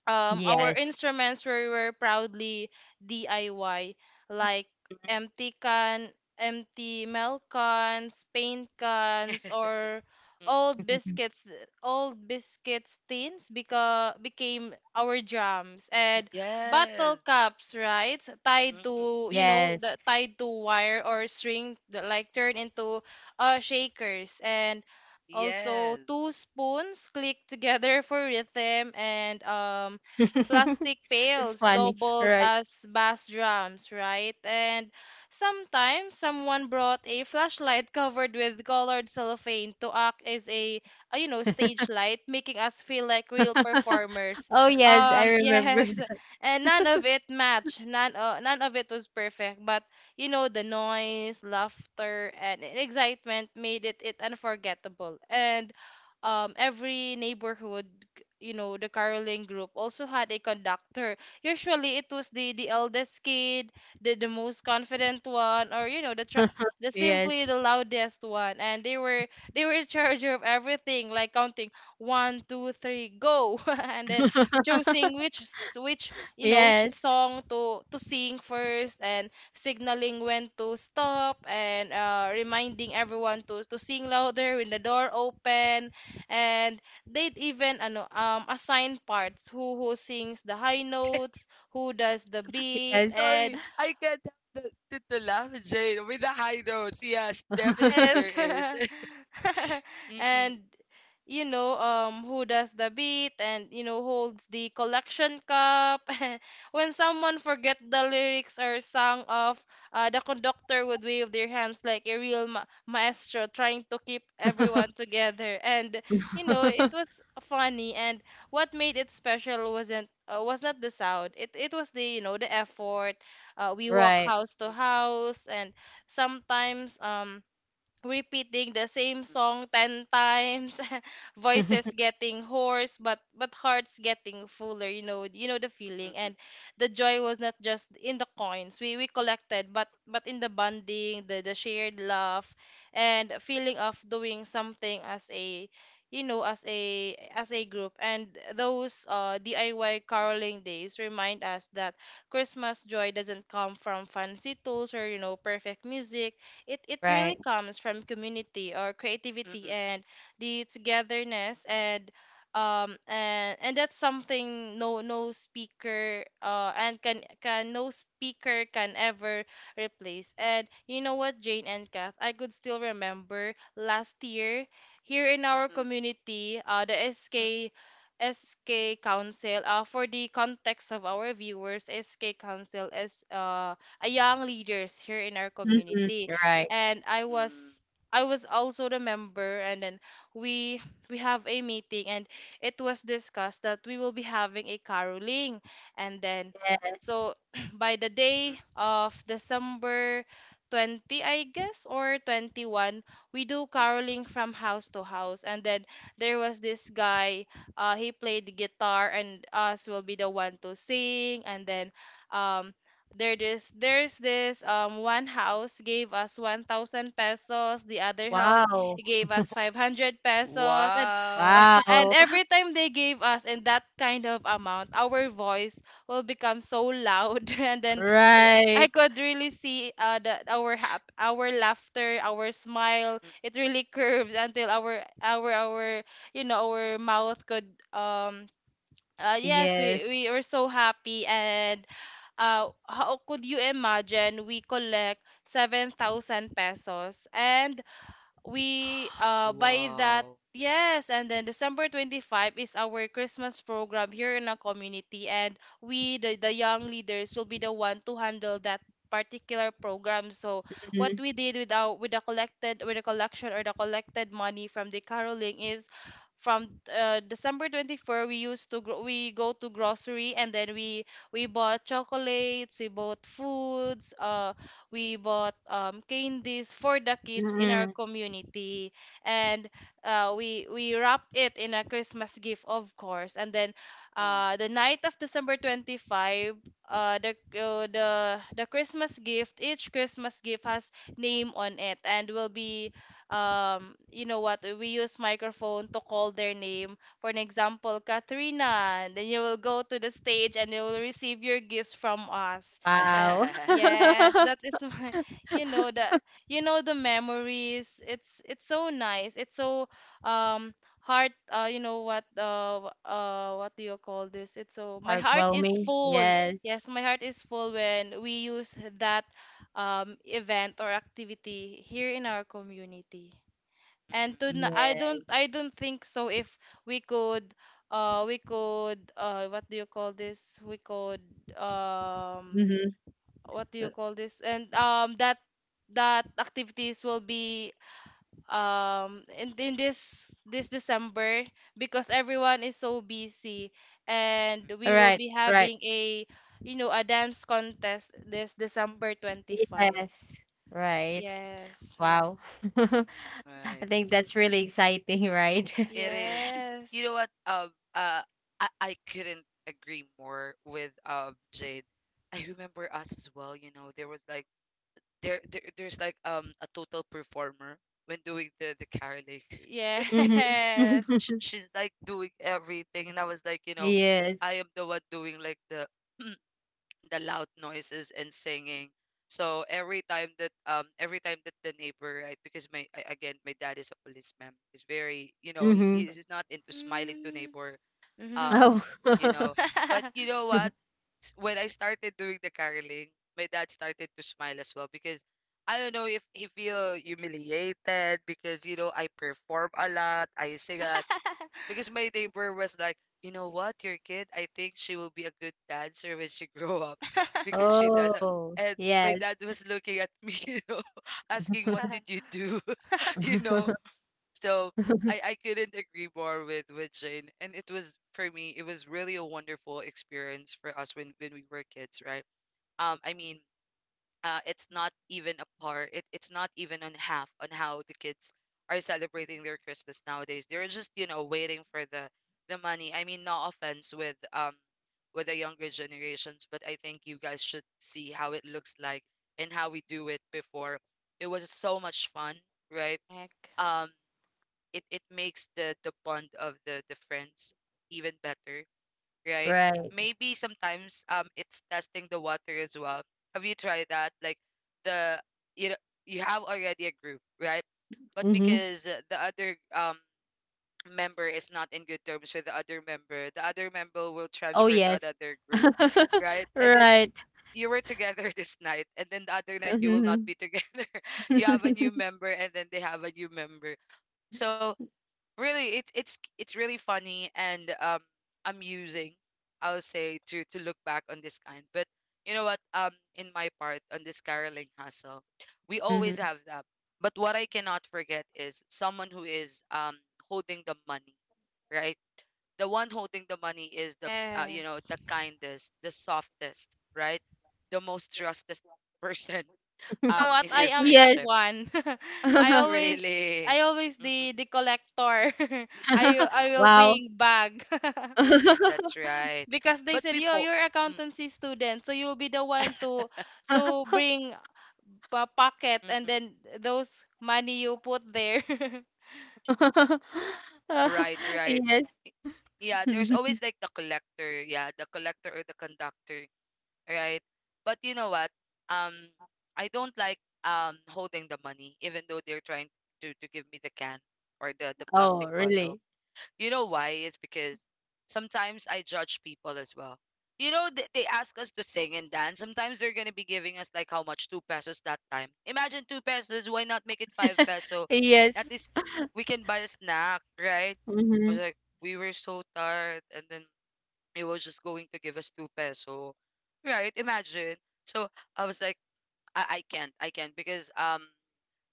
S3: um, our
S2: Yes.
S3: instruments were proudly DIY, like
S2: Mhm.
S3: empty can, empty milk cans, paint cans, or
S1: Mm.
S3: old biscuits, old biscuit tins, because became our drums, and bottle
S1: Yes.
S3: caps, right? Tied
S1: Mm-mm.
S3: to, the
S2: Yes.
S3: tied to wire or string, that, like, turned into, shakers, and also
S1: Yes.
S3: two spoons clicked together for rhythm, and plastic
S2: It's
S3: pails
S2: funny,
S3: doubled
S2: right?
S3: as bass drums, right? And sometimes someone brought a flashlight covered with colored cellophane to act as a, stage light, making us feel like real performers.
S2: Oh, yes,
S1: Mm-mm.
S2: I
S3: Yes,
S2: remembered.
S3: and none of it matched. None, none of it was perfect, but, the noise, laughter, and excitement made it unforgettable. And every neighborhood, the caroling group also had a conductor. Usually it was the eldest kid, the most confident one, or, the
S2: Yes.
S3: simply the loudest one. And they were in charge of everything, like counting one, two, three, go, and then choosing which s- which which
S2: Yes,
S3: song to sing first, and signaling when to stop, and, reminding everyone to sing louder when the door open, and they'd even, ano assign parts, who sings the high notes, who does the beat,
S2: yes.
S1: Sorry,
S3: and
S1: I can't help to laugh, Jane, with the high notes. Yes, definitely
S3: Yes.
S1: there is. Mm-mm.
S3: And, who does the beat, and, holds the collection cup. When someone forget the lyrics or sung off, the conductor would wave their hands like a real, ma maestro, trying to keep everyone together. And, it was funny. And what made it special was not the sound. It was the, the effort. We walk
S2: Right.
S3: house to
S1: Mm-mm.
S3: house, and sometimes repeating the same song 10 times, voices getting hoarse, but hearts getting fuller, the feeling. And
S1: Mm-mm.
S3: the joy was not just in the coins we collected, but in the bonding, the shared laugh and feeling of doing something as a, as a group. And those DIY caroling days remind us that Christmas joy doesn't come from fancy tools or, perfect music. It it really
S2: Right.
S3: comes from community, or
S1: Mm-mm.
S3: creativity, and the togetherness, and and that's something, no speaker, and can no speaker can ever replace. And you know what, Jane and Kath, I could still remember last year here in our
S1: Mm-mm.
S3: community, the
S1: Mm-mm.
S3: SK Council. For the context of our viewers, SK Council is, a young leaders here in our
S2: Mhm.
S3: community,
S2: Right.
S3: and I was,
S1: Mm-mm.
S3: also the member, and then we we have a meeting, and it was discussed that we will be having a caroling. And then,
S2: Yes.
S3: so by the
S1: Mm-mm.
S3: day of December 20, I guess, or 21, we do caroling
S1: Mm-mm.
S3: from house to house. And then there was this guy, he played the guitar, and us will be the one to sing. And then, um there's this one house gave us 1,000 pesos, the other house
S2: Wow.
S3: gave us 500 pesos, and
S1: Wow.
S2: Wow.
S3: every time they gave us in that kind of amount, our voice will become so loud. And then, I
S2: Right.
S3: could really see, our, hap our laughter, our smile,
S1: Mm-mm.
S3: it really curves until our our mouth could, um yes,
S2: Yes.
S3: we were so happy. And, how could you imagine, we collect 7,000 pesos, and we, by that,
S1: Wow.
S3: yes. And then December 25 is our Christmas program here in our community, and we, the young leaders, will be the one to handle that particular program. So what
S2: Mhm.
S3: we did with our, with the collected, with the collection or the collected money from the caroling is from, December 24 we used to, we go to grocery, and then we bought chocolates, we bought foods, we bought, candies for the kids in our
S2: Mhm.
S3: community, and, we wrap it in a Christmas gift, of course. And then,
S1: Oh.
S3: the night of December 25, the Christmas gift, each Christmas gift has name on it, and will be, you know what, we use microphone to call their name, for an example, Katrina, and then you will go to the stage and you will receive your gifts from us.
S2: Wow.
S3: Yes, that is my, the, the memories. It's so nice. It's so, um heart, what do you call this? It's so, my heart is
S2: Heartwarming.
S3: full.
S2: Yes.
S3: Yes, my heart is full when we use that event or activity here in our community. And to, I don't,
S2: Yes.
S3: think so, if we could, we could what do you call this? We could um
S2: Mhm.
S3: what do you call this? And, that activities will be, in this December, because everyone is so busy. And
S1: Mm-mm,
S3: we
S2: Right,
S3: will be
S2: right.
S3: having a, a dance contest this December 25.
S2: Yes.
S1: mm-mm.
S2: Right.
S3: Yes.
S2: Wow. I
S1: Right.
S2: think that's really exciting, right?
S1: It is. You know
S3: Yes.
S1: what? I couldn't agree more with Jade. I remember us as well. You know, there was like there's like a total performer when doing the caroling.
S2: Mhm.
S3: Yes.
S1: She, she's like doing everything, and I was like, you know,
S2: Yes.
S1: I am the one doing like the the loud noises and singing. So every time that the neighbor, right? Because my again, my dad is a policeman. He's very, you know, he
S2: Mhm.
S1: is not into smiling to
S3: Mm.
S1: neighbor um
S3: Mhm.
S2: Oh.
S1: you know, but you know what, when I started doing the caroling, my dad started to smile as well because I don't know if he feel humiliated because, you know, I perform a lot, I sing a lot. Because my neighbor was like, "You know what, your kid, I think she will be a good dancer when she grow up because she does.
S2: Oh,
S1: And my
S2: yes,
S1: dad was looking at me, you know, asking, "What did you do?" You know, so I couldn't agree more with Jane. And it was for me, it was really a wonderful experience for us when we were kids, right? I mean, it's not even a it's not even on half on how the kids are celebrating their Christmas nowadays. They're just, you know, waiting for the money. I mean, no offense with the younger generations, but I think you guys should see how it looks like and how we do it before. It was so much fun, right?
S3: Correct.
S1: Um, it it makes the bond of the friends even better, right?
S2: right.
S1: Maybe sometimes it's testing the water as well. Have you tried that? Like the, you know, you have already a group, right? But
S2: Mhm.
S1: because the other member is not in good terms with the other member will
S2: Oh,
S1: transfer
S2: yes.
S1: to another group, right? And then
S2: Right.
S1: you were together this night, and then the other night you
S2: Mhm.
S1: will not be together.
S2: Mhm.
S1: You have a new member, and then they have a new member. So really, it's really funny and amusing, I'll say, to look back on this kind. But you know what? In my part on this caroling hustle, we always have that. But what I cannot forget is someone who is holding the money, right? The one holding the money is the you know,
S3: Yes.
S1: the kindest, the softest, right? The most trusted person
S3: You know what?
S1: in your
S3: I am that
S2: Yes.
S1: friendship.
S3: one.
S1: Really.
S3: I always
S1: Mm-mm,
S3: the collector. I will
S2: Wow.
S3: bring bag.
S1: that's right.
S3: Because they
S1: But
S3: said, "Yo,
S1: before.
S3: you're accountancy student, so you'll be the one to bring a pocket and
S1: Mm.
S3: then those money you put there."
S1: Right, right.
S2: Yes.
S1: Yeah, there's always like the collector, yeah, the collector or the conductor, right? But you know what? Um, I don't like holding the money, even though they're trying to give me the can or the
S2: Oh,
S1: plastic bottle.
S2: really?
S1: You know why? It's because sometimes I judge people as well. You know, they ask us to sing and dance. Sometimes they're going to be giving us like how much? Two pesos that time. Imagine two pesos. Why not make it five peso?
S2: Yes.
S1: At least we can buy a snack, right? I was
S2: Mhm.
S1: like, we were so tired. And then it was just going to give us two peso, right? Imagine. So I was like, I can't. I can't because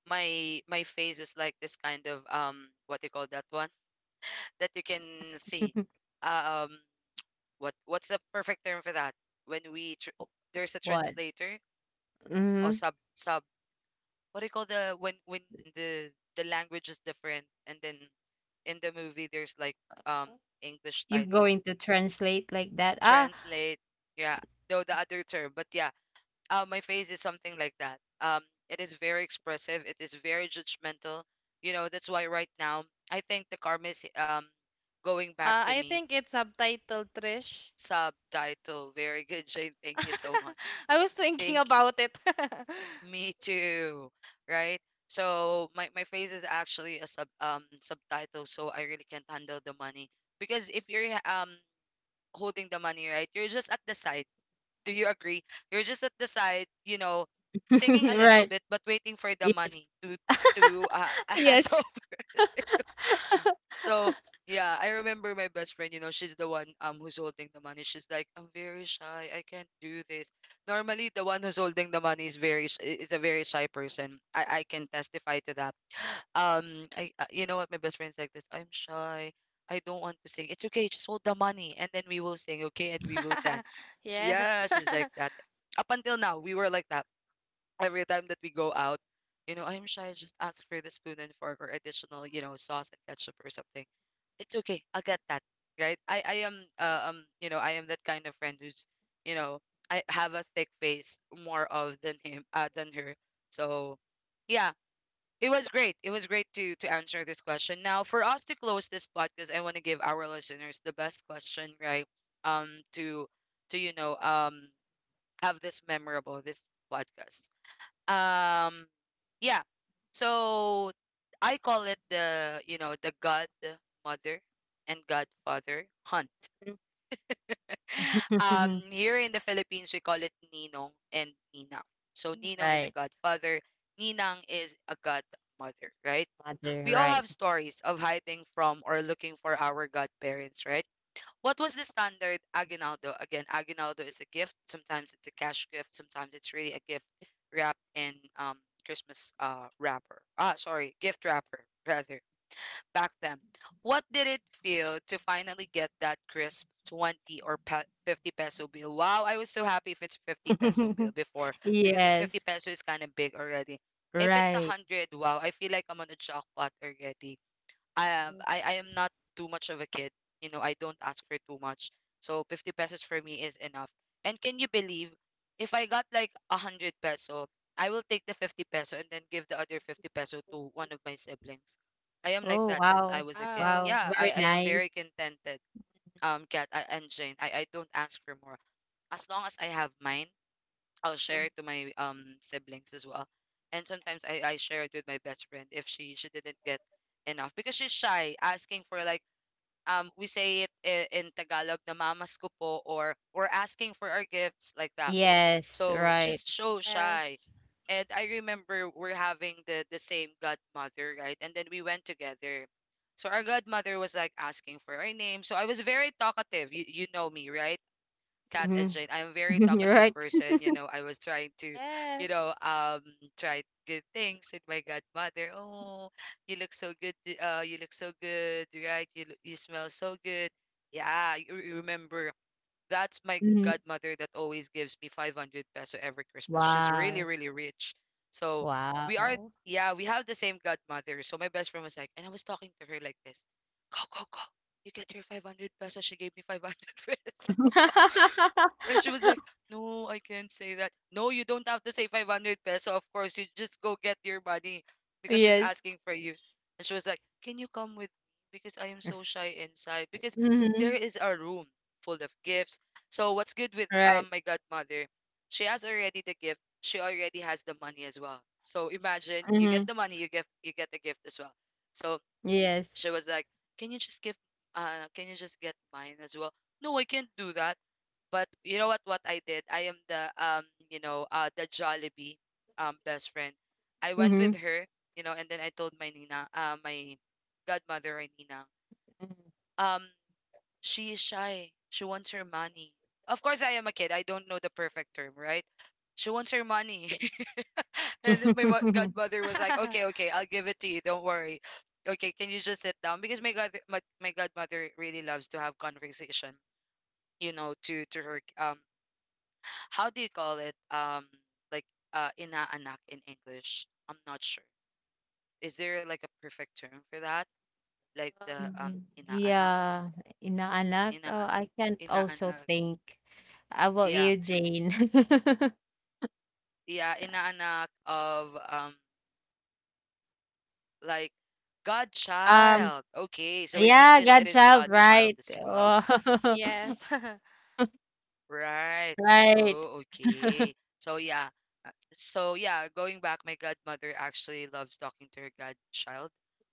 S1: my face is like this kind of what do you call that one? That you can see, um, what's the perfect term for that when there's a
S2: What?
S1: translator or
S2: Mhm.
S1: sub what do you call the when the the language is different and then in the movie there's like um english
S2: You're
S1: title
S2: going to translate like that? Ah,
S1: translate, yeah, no, the other term, but yeah, my face is something like that, um, it is very expressive, it is very judgmental, you know. That's why right now I think the karma is going back to
S3: I
S1: me.
S3: think it's subtitled Trish.
S1: Subtitle. Very good, Jane. Thank you so much.
S3: I was thinking
S1: Thank you.
S3: about it.
S1: Me too. Right? So my face is actually a subtitle, so I really can't handle the money. Because if you're holding the money, right, you're just at the side. Do you agree? You're just at the side, you know, singing a little
S2: right.
S1: bit but waiting for the
S2: Yes.
S1: money to to uh, to
S2: Yes.
S1: so yeah, I remember my best friend, you know, she's the one who's holding the money. She's like, "I'm very shy. I can't do this." Normally the one who's holding the money is is a very shy person. I can testify to that. I you know what, my best friend's like this. "I'm shy. I don't want to sing." "It's okay. Just hold the money and then we will sing, okay? And we will dance."
S3: Yes.
S1: Yeah, she's like that. Up until now, we were like that every time that we go out. You know, "I'm shy, just ask for the spoon and fork or additional, you know, sauce and ketchup or something." "It's okay. I'll get that." Right? I am you know, I am that kind of friend who's, you know, I have a thick face more of than him, than her. So yeah, it was great. It was great to answer this question. Now for us to close this podcast, I want to give our listeners the best question, right? Um, to to, you know, have this memorable this podcast. Um, yeah. So I call it the, you know, the godmother and godfather hunt. Here in the Philippines, we call it Ninong and Ninang. So Ninong is a
S2: Right.
S1: godfather, Ninang is a godmother, right?
S2: Mother,
S1: We all
S2: right.
S1: have stories of hiding from or looking for our godparents, right? What was the standard aguinaldo? Again, aguinaldo is a gift. Sometimes it's a cash gift. Sometimes it's really a gift wrapped in Christmas wrapper. Ah, sorry, gift wrapper rather. Back then, what did it feel to finally get that crisp 20 or pe 50 peso bill? Wow, I was so happy if it's 50 peso bill before because
S2: Yes,
S1: 50 peso is kind of big already. If it's a
S2: right.
S1: 100, wow, I feel like I'm on a jackpot already. I
S3: Yes.
S1: am not too much of a kid. You know, I don't ask for too much. So 50 pesos for me is enough. And can you believe if I got like a 100 peso, I will take the 50 peso and then give the other 50 peso to one of my siblings. I am like
S2: Oh,
S1: that since I
S2: wow.
S1: was a kid.
S3: Wow.
S2: Wow,
S1: Yeah,
S2: very
S1: I am
S2: nice.
S1: very contented. Kat I, and Jane, I don't ask for more. As long as I have mine, I'll
S2: Mm.
S1: share it to my siblings as well. And sometimes I share it with my best friend if she didn't get enough because she's shy asking for like we say it in Tagalog na mamas ko po or we're asking for our gifts like that.
S2: Yes,
S1: So
S2: right.
S1: she's so shy.
S3: Yes.
S1: And I remember we're having the same godmother, right? And then we went together. So our godmother was like asking for our name. So I was very talkative. You know me, right? Kat and
S2: Mhm.
S1: Jane. I'm a very talkative
S2: Right.
S1: person. You know, I was trying to, you
S3: Yes.
S1: know, try good things with my godmother. "Oh, you look so good. You look so good, right? You smell so good." Yeah, you remember. That's my
S2: Mhm.
S1: godmother that always gives me 500 peso every Christmas. She's really,
S2: Wow.
S1: really rich. So we are,
S2: Wow.
S1: yeah, we have the same godmother. So my best friend was like, and I was talking to her like this, "Go, go, go. You get your 500 pesos." She gave me 500 pesos. And she was like, "No, I can't say that." "No, you don't have to say 500 peso. Of course, you just go get your money because she's
S2: Yes.
S1: asking for you." And she was like, "Can you come with me? Because I am so shy inside. Because there
S2: Mhm.
S1: is a room full of gifts." So, what's good with
S2: Right.
S1: my godmother? She has already the gift, she already has the money as well. So, imagine you get
S2: Mhm.
S1: the money, you get the gift as well. So,
S2: Yes.
S1: she was like, "Can you just give can you just get mine as well?" "No, I can't do that." But you know what I did? I am the you know, the Jollibee best friend. I went
S2: Mhm.
S1: with her, you know, and then I told my Nina, my godmother or Nina,
S2: Mhm.
S1: um, she is shy. She wants her money. Of course I am a kid. I don't know the perfect term, right? She wants her money. And then my godmother was like, "Okay, okay, I'll give it to you. Don't worry. Okay, can you just sit down?" Because my god, my godmother really loves to have conversation. You know, to her how do you call it? Like inaanak in English. I'm not sure. Is there like a perfect term for that? Like the um inaanak,
S2: Yeah, inaanak. Oh,
S1: ina
S2: I can't also
S1: inaanak.
S2: think about you,
S1: Yeah,
S2: Jane?
S1: yeah, inaanak of like godchild. Okay, so
S2: Um,
S1: in English it is
S2: yeah,
S1: godchild as
S2: godchild,
S1: well.
S2: right.
S1: Mm-mm.
S2: Oh,
S3: Yes.
S1: Right. Oh,
S2: right.
S1: okay. So yeah. uh, So yeah, going back, my godmother actually loves talking to her godchild,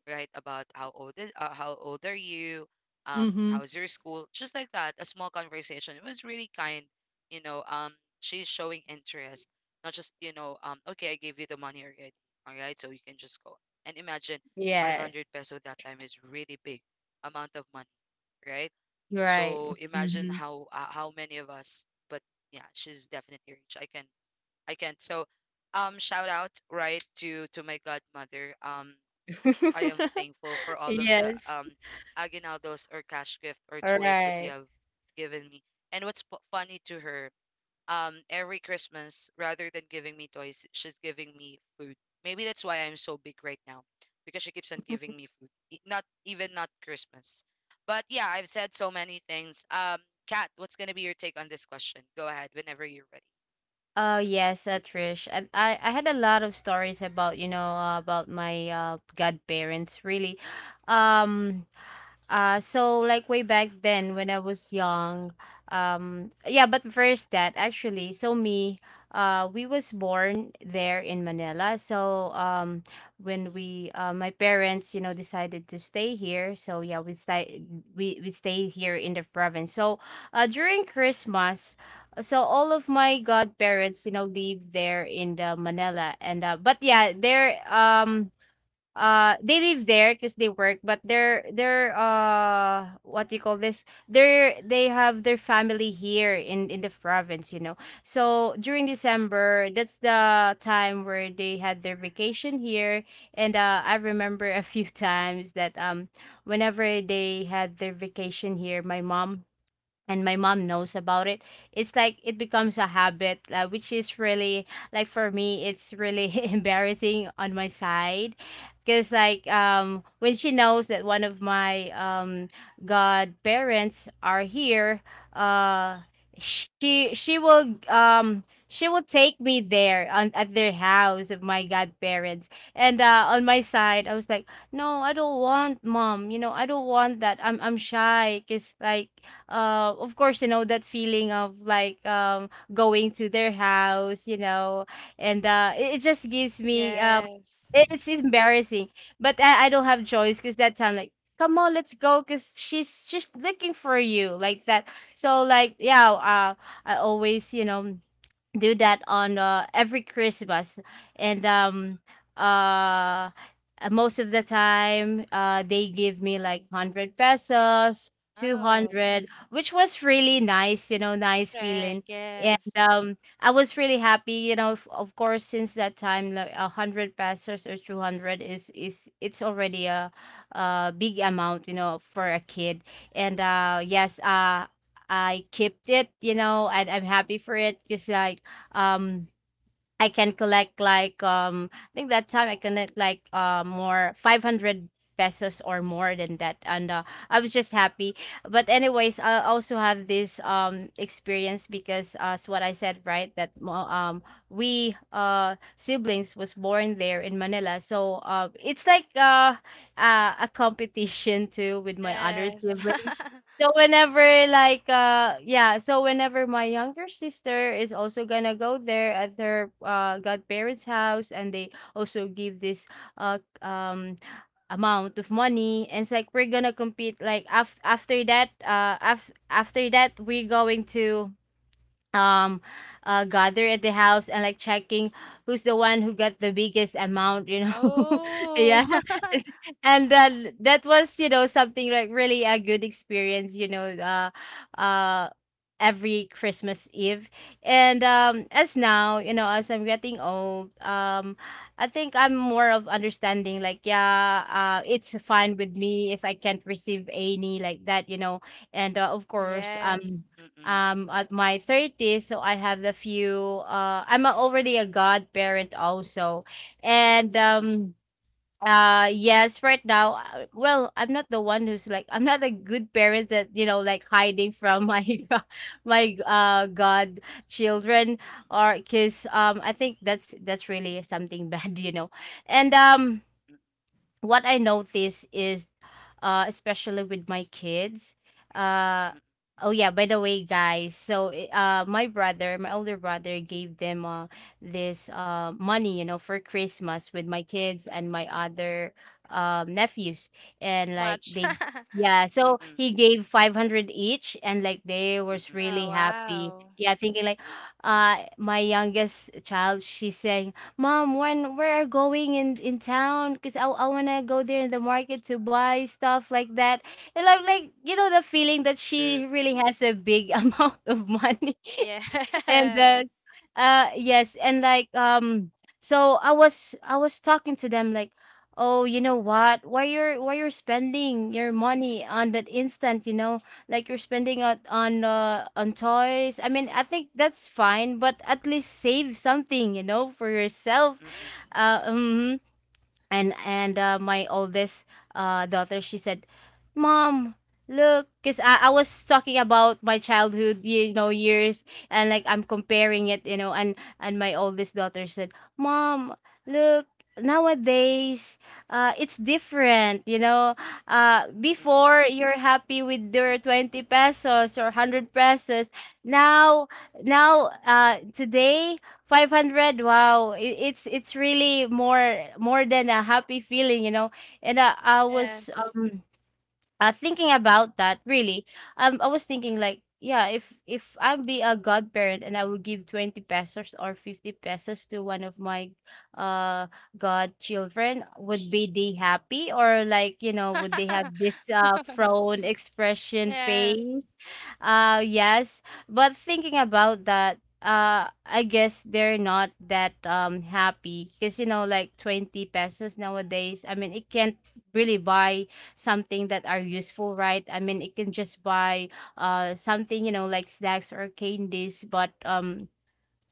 S1: right? About how old are you?
S2: Mhm.
S1: How's your school? Just like that, a small conversation. It was really kind, you know. She's showing interest, not just, you know, okay, I gave you the money already. All right, so you can just go. And imagine
S2: Yes.
S1: 500 peso that time is really big amount of money, right?
S2: Right.
S1: So imagine
S2: Mhm.
S1: how many of us. But yeah, she's definitely rich. I can. So shout out right to my godmother. I am thankful for all of the
S2: Yes.
S1: aguinaldos or cash gift or toys that you
S2: Right.
S1: have given me. And what's funny to her every Christmas, rather than giving me toys, she's giving me food. Maybe that's why I'm so big right now, because she keeps on giving me food. Not even not Christmas. But yeah, I've said so many things. Kat, what's gonna be your take on this question? Go ahead whenever you're ready.
S2: Oh yes, Trish. I had a lot of stories about, you know, about my godparents. Really, um, so like way back then when I was young, yeah, but first that actually, so me, we was born there in Manila. So when we, my parents, you know, decided to stay here. So yeah, we stay here in the province. So during Christmas, so all of my godparents, you know, live there in the Manila, and but yeah, there they live there because they work, but they're what do you call this, they're, they have their family here in the province, you know. So during December, that's the time where they had their vacation here. And I remember a few times that, whenever they had their vacation here, my mom, and my mom knows about it. It's like it becomes a habit, which is really, like, for me, it's really embarrassing on my side, because like, when she knows that one of my godparents are here, uh she she will take me there on, at their house of my godparents. And on my side, I was like, "No, I don't want, Mom, you know, I don't want that. I'm shy." Because like, of course, you know, that feeling of like, going to their house, you know, and it just gives me,
S3: Yes.
S2: it's embarrassing, but I don't have choice, because that time, like, "Come on, let's go, because she's looking for you," like that. So, like, yeah, I always, you know, do that on, every Christmas. And uh, uh, Most of the time, they give me like 100 pesos, two
S3: Wow.
S2: hundred, which was really nice, you know, nice
S3: Correct.
S2: feeling. And
S3: Yes.
S2: I was really happy, you know. Of course, since that time, like, a hundred pesos or 200 is it's already a big amount, you know, for a kid. And yes, I kept it, you know, and I'm happy for it. Just like um I can collect like I think that time I collect like more 500 pesos or more than that, and I was just happy. But anyways, I also have this experience because, as what I said, right, we siblings was born there in Manila, so it's like a competition too with my other
S3: Yes.
S2: siblings. So whenever like yeah, so whenever my younger sister is also gonna go there at her godparents' house and they also give this uh um amount of money, and it's like we're gonna compete like after that after that, we're going to um gather at the house and like checking who's the one who got the biggest amount, you know.
S3: Oh.
S2: Yeah. It's- and then that was, you know, something like really a good experience, you know. Uh every Christmas Eve. And as now, you know, as I'm getting old, I think I'm more of understanding like, yeah, it's fine with me if I can't receive any like that, you know. And of
S3: Mm,
S2: course,
S3: yes.
S1: Mhm.
S2: at my 30s, so I have the few I'm a, already a godparent also. And yes, right now, well, I'm not the one who's like, I'm not a good parent that, you know, like hiding from my my god
S1: Mm-mm, mm-mm,
S2: children, or because I think that's really something bad. You know. And what I notice is, especially with my kids. Uh,
S1: mm-mm,
S2: oh yeah, by the way, guys, so my brother, my older brother, gave them this money, you know, for Christmas with my kids
S1: mm-mm,
S2: and my other nephews, and
S3: So
S2: like
S3: much.
S2: they. Yeah,
S1: mm-mm,
S2: so
S1: mm-mm,
S2: he gave 500 each and like they was
S1: mm-mm.
S2: really
S3: Oh,
S2: happy.
S3: wow.
S2: Yeah, thinking like my youngest child, she said, mom, when we're going in town, because I wanna go there in the market to buy stuff like that. And I'm like, you know, the feeling that she
S1: True.
S2: really has a big amount of money. And
S3: Yes.
S2: then, yes, and like, so I was talking to them like, oh, you know what, why you're spending your
S1: Mm-mm,
S2: money on that instant, you know, like you're spending it on toys. I mean, I think that's fine, but at least save something, you know, for yourself.
S1: mm-mm,
S2: Mhm. And my oldest daughter, she said, mom, look, because I was talking about my childhood, you know, years, and like I'm comparing it, you know. And my oldest daughter said, mom, look, nowadays, it's different, you know.
S1: mm-mm,
S2: Before, you're happy with your
S1: mm-mm.
S2: 20 pesos or 100 pesos. Now, now today, 500, wow, it's really more than a happy feeling, you know. And I was
S3: Yes.
S2: thinking about that really. I was thinking like, yeah, if I be a godparent and I would give 20 pesos or 50 pesos to one of my uh godchildren, would be they happy? Or like, you know, would they have this frown expression face?
S3: Yes.
S2: Yes. But thinking about that, I guess they're not that happy because, you know, like 20 pesos nowadays, I mean, it can't really buy something that are useful, right? I mean, it can just buy something, you know, like snacks or candies. But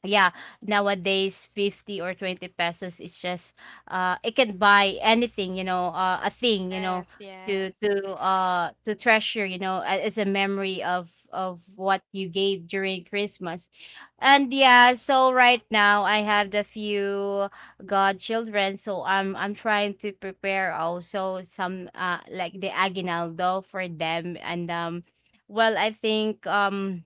S2: yeah, nowadays 50 or 20 pesos is just it can buy anything, you know, a thing, you know,
S3: Yes.
S2: to
S3: Yes.
S2: to uh to treasure, you know, as a memory of what you gave during Christmas. And yeah, so right now I have the few godchildren, so I'm trying to prepare also some like the aguinaldo for them. And well, I think,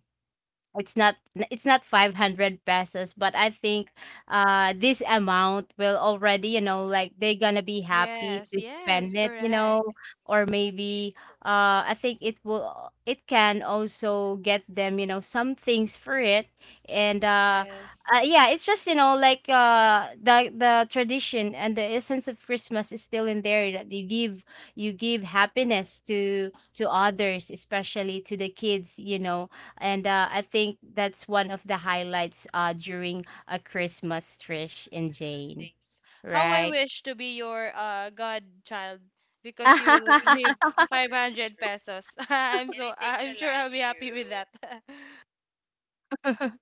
S2: it's not, it's not 500 pesos, but I think this amount will already, you know, like they're gonna be happy
S3: Yes.
S2: to spend
S3: Yes.
S2: it, you know.
S3: Correct.
S2: Or maybe
S1: Sure.
S2: I think it will, it can also get them, you know, some things for it. and uh,
S3: Yes.
S2: uh yeah, it's just, you know, like the tradition and the essence of Christmas is still in there, that you give, you give happiness to others, especially to the kids, you know. And I think that's one of the highlights during a Christmas, Trish and Jane.
S1: Thank you.
S3: Yes. How I
S2: Right.
S3: wish to be your godchild because you will give
S1: True,
S3: 500
S1: true.
S3: pesos. I'm
S1: Can I
S3: so
S1: take the
S3: I'm sure
S1: line
S3: I'll be happy with
S1: too?
S3: that.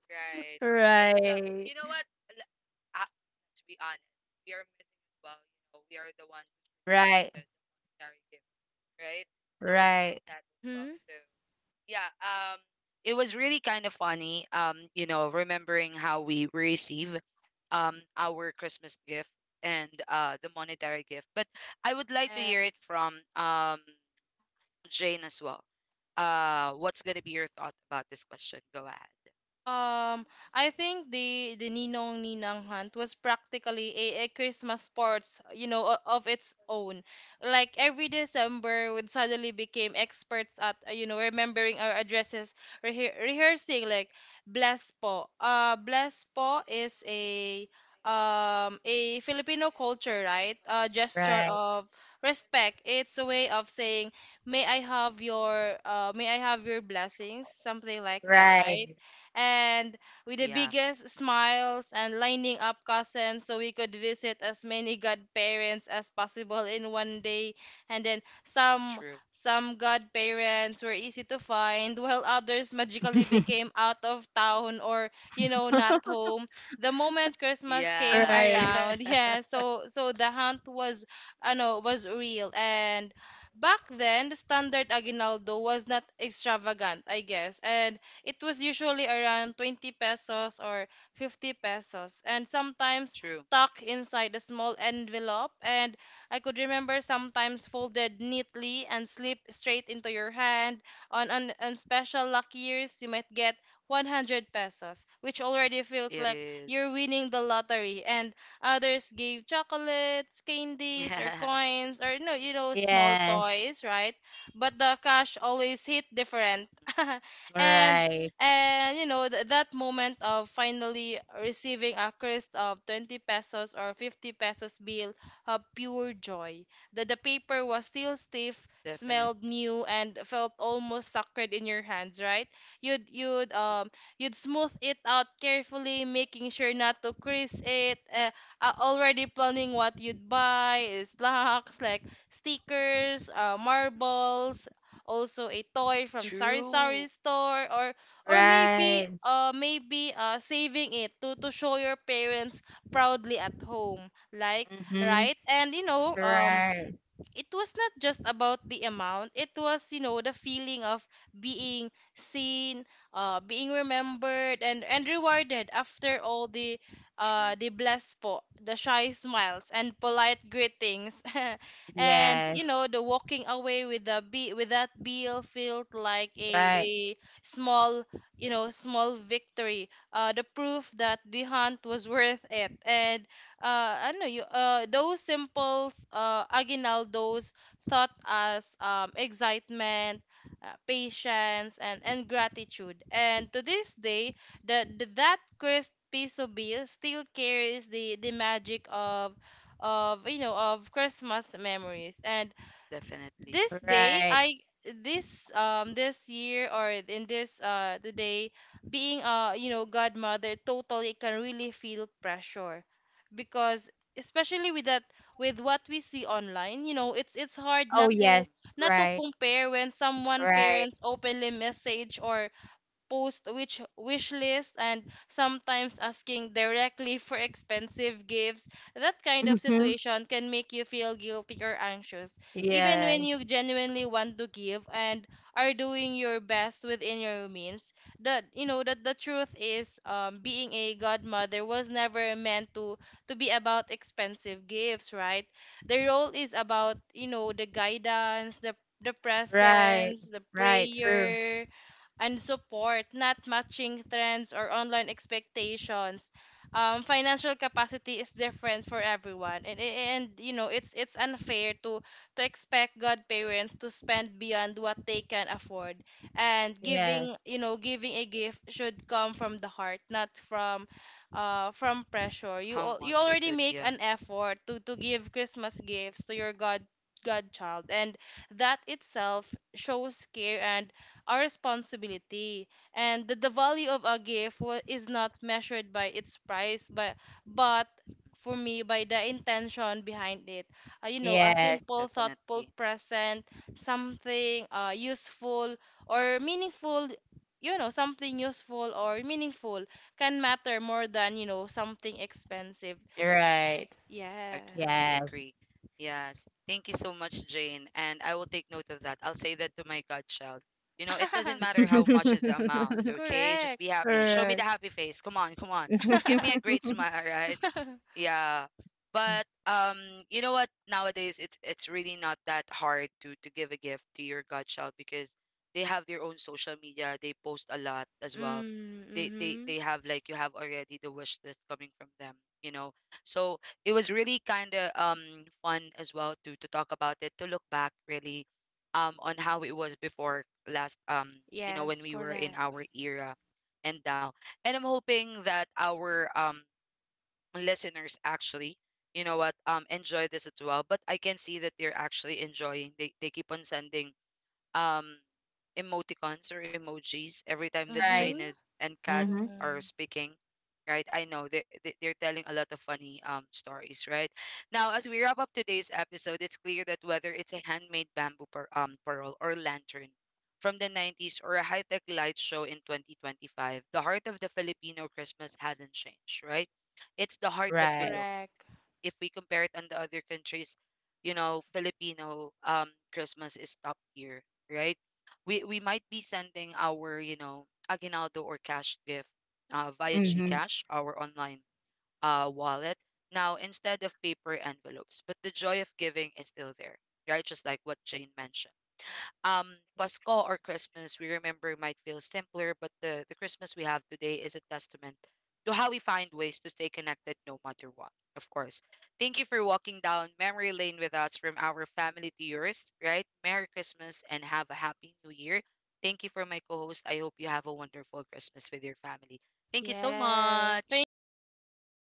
S1: Right. I would
S2: Right.
S1: love. You know what? L- ah, let's be honest. We are missing as well. You know, we are the ones
S2: Right.
S1: giving the monetary gift, right? So we
S2: Right.
S1: miss that as well.
S3: Mm-hmm.
S1: So yeah. It was really kind of funny. You know, remembering how we receive, our Christmas gift and the monetary gift. But I would like to hear it
S3: Yes.
S1: from Jane as well. What's gonna be your thought about this question? Go ahead.
S3: Um, I think the Ninong Ninang hunt was practically a Christmas sports, you know, of its own. Like every December, would suddenly became experts at you know, remembering our addresses, rehearsing like bless po. Bless po is a Filipino culture, right? A gesture
S2: Right.
S3: of respect. It's a way of saying, "May I have your may I have your blessings," something like that, right?
S2: Right.
S3: And with
S1: Yeah.
S3: the biggest smiles and lining up cousins so we could visit as many godparents as possible in one day. And then
S1: True.
S3: some godparents were easy to find while others magically became out of town or, you know, not home the moment Christmas
S1: Yeah.
S3: came
S2: Right.
S3: around, yeah, so the hunt was, I know, was real. And back then the standard aguinaldo was not extravagant, I guess. And it was usually around 20 pesos
S1: True.
S3: or 50 pesos, and sometimes tucked inside a small envelope. And I could remember sometimes folded neatly and slip straight into your hand. On special lucky years, you might get 100
S1: It
S3: pesos, which
S1: is.
S3: already felt like you're winning the lottery. And others gave chocolates, candies, or coins, or no, you know, small
S2: Yes.
S3: toys, right? But the cash always hit different. and
S2: Right.
S3: and you know that moment of finally receiving a crisp of 20 pesos or 50 pesos bill of pure joy. The paper was still stiff,
S1: Definitely.
S3: smelled new, and felt almost sacred in your hands, right? You'd
S1: Mm-mm.
S3: you'd um you'd smooth it out carefully, making sure not to crease it. Already planning what you'd buy, is snacks like stickers, marbles, also a toy from Sari
S1: True.
S3: Sari store, or maybe
S2: Right.
S3: saving it to show your parents proudly at home like
S2: Mm-hmm.
S3: right. And you
S1: Mm-mm.
S3: know, um,
S2: Right.
S3: it was not just about the amount, it was, you know, the feeling of being seen, uh, being remembered and rewarded after all
S1: True.
S3: the blessed po, the shy smiles and polite greetings. and
S2: Yes.
S1: Mm-mm.
S3: you know, the walking away with the be with that bill felt like a
S2: Right.
S3: a small, you know, small victory, uh, the proof that the hunt was worth it. And ano, those simple aguinaldos thought us excitement, patience, and gratitude. And to this day, that crisp piece of bill still carries the magic of you know, of Christmas memories. And
S1: Definitely.
S3: this day
S2: Right.
S3: I, this um, this year or in this the day, being a you know godmother totally can really feel pressure because, especially with that, with what we see online, you know it's hard
S2: Oh
S3: not to,
S2: yes.
S3: not to
S2: Right.
S3: compare when someone
S2: Right.
S3: parents openly message or post which wish list and sometimes asking directly for expensive gifts. That kind of
S2: Mm-hmm.
S3: situation can make you feel guilty or anxious even when
S2: Yes.
S3: you
S1: Mm-mm.
S3: genuinely want to give and are doing your best within your means. That you know that the truth is being a godmother was never meant to be about expensive gifts, right? The role is about, you know, the guidance, the
S2: Right.
S3: presence, the
S2: Right. True.
S3: prayer and support, not matching trends or online expectations. Financial capacity is different for everyone, and you know it's unfair to expect godparents to spend beyond what they can afford. And
S2: Yes.
S3: giving, you know, giving a gift should come from the heart, not from from pressure.
S1: How
S3: You
S1: much is
S3: already
S1: it?
S3: make an
S1: Yeah,
S3: effort to give Christmas gifts to your godchild, and that itself shows care and our responsibility. And the value of a gift is not measured by its price but for me, by the intention behind it. Uh, you know, a
S2: Yes,
S3: simple thoughtful
S1: definitely.
S3: present, something useful or meaningful, you know, something useful or meaningful can matter more than, you know, something expensive.
S2: you're right.
S1: Agree,
S2: Yes.
S3: Yes.
S1: agree. Yes. Thank you so much, Jane. And I will take note of that. I'll say that to my godchild. You know, it doesn't matter how much is the amount, okay? Just be
S3: correct.
S1: happy. Show me the
S2: Correct.
S1: happy face. Come on, come on. Give me a great smile, right?
S3: mm,
S1: Yeah.
S2: Mm.
S1: But you know what, nowadays it's really not that hard to give a gift to your godchild because they have their own social media. They post a lot as well. They they
S3: mm-hmm.
S1: they have like you have already the wish list coming from them, you know. So it was really kind of fun as well to talk about it, to look back really on how it was before last you know when
S3: Yes,
S1: we were in
S3: correct.
S1: our era and now. And I'm hoping that our listeners actually, you know what, enjoy this as well, but I can see that they're actually enjoying. They keep on sending um emoticons or emojis every time that
S2: Right.
S3: Mm-hmm.
S1: Jane is and Kat
S2: Mhm.
S3: Mm.
S1: are speaking, right? I know they're telling a lot of funny stories, right? Now, as we wrap up today's episode, it's clear that whether it's a handmade bamboo pearl or lantern from the 90s or a high-tech light show in 2025, the heart of the Filipino Christmas hasn't changed, right? It's the heart that we
S2: Right.
S1: look
S3: Correct.
S1: if we compare it on the other countries. You know, Filipino Christmas is top tier, right? We might be sending our, you know, aguinaldo or cash gift via
S2: Mhm.
S1: GCash, our online wallet. Now instead of paper envelopes, but the joy of giving is still there, right? Just like what Jane mentioned. Pasko or Christmas, we remember, might feel simpler, but the Christmas we have today is a testament to how we find ways to stay connected no matter what, of course. Thank you for walking down memory lane with us, from our family to yours, right? Merry Christmas and have a happy new year. Thank you for my co host. I hope you have a wonderful Christmas with your family. Thank you so
S3: Yes. Thank
S1: much.
S3: you so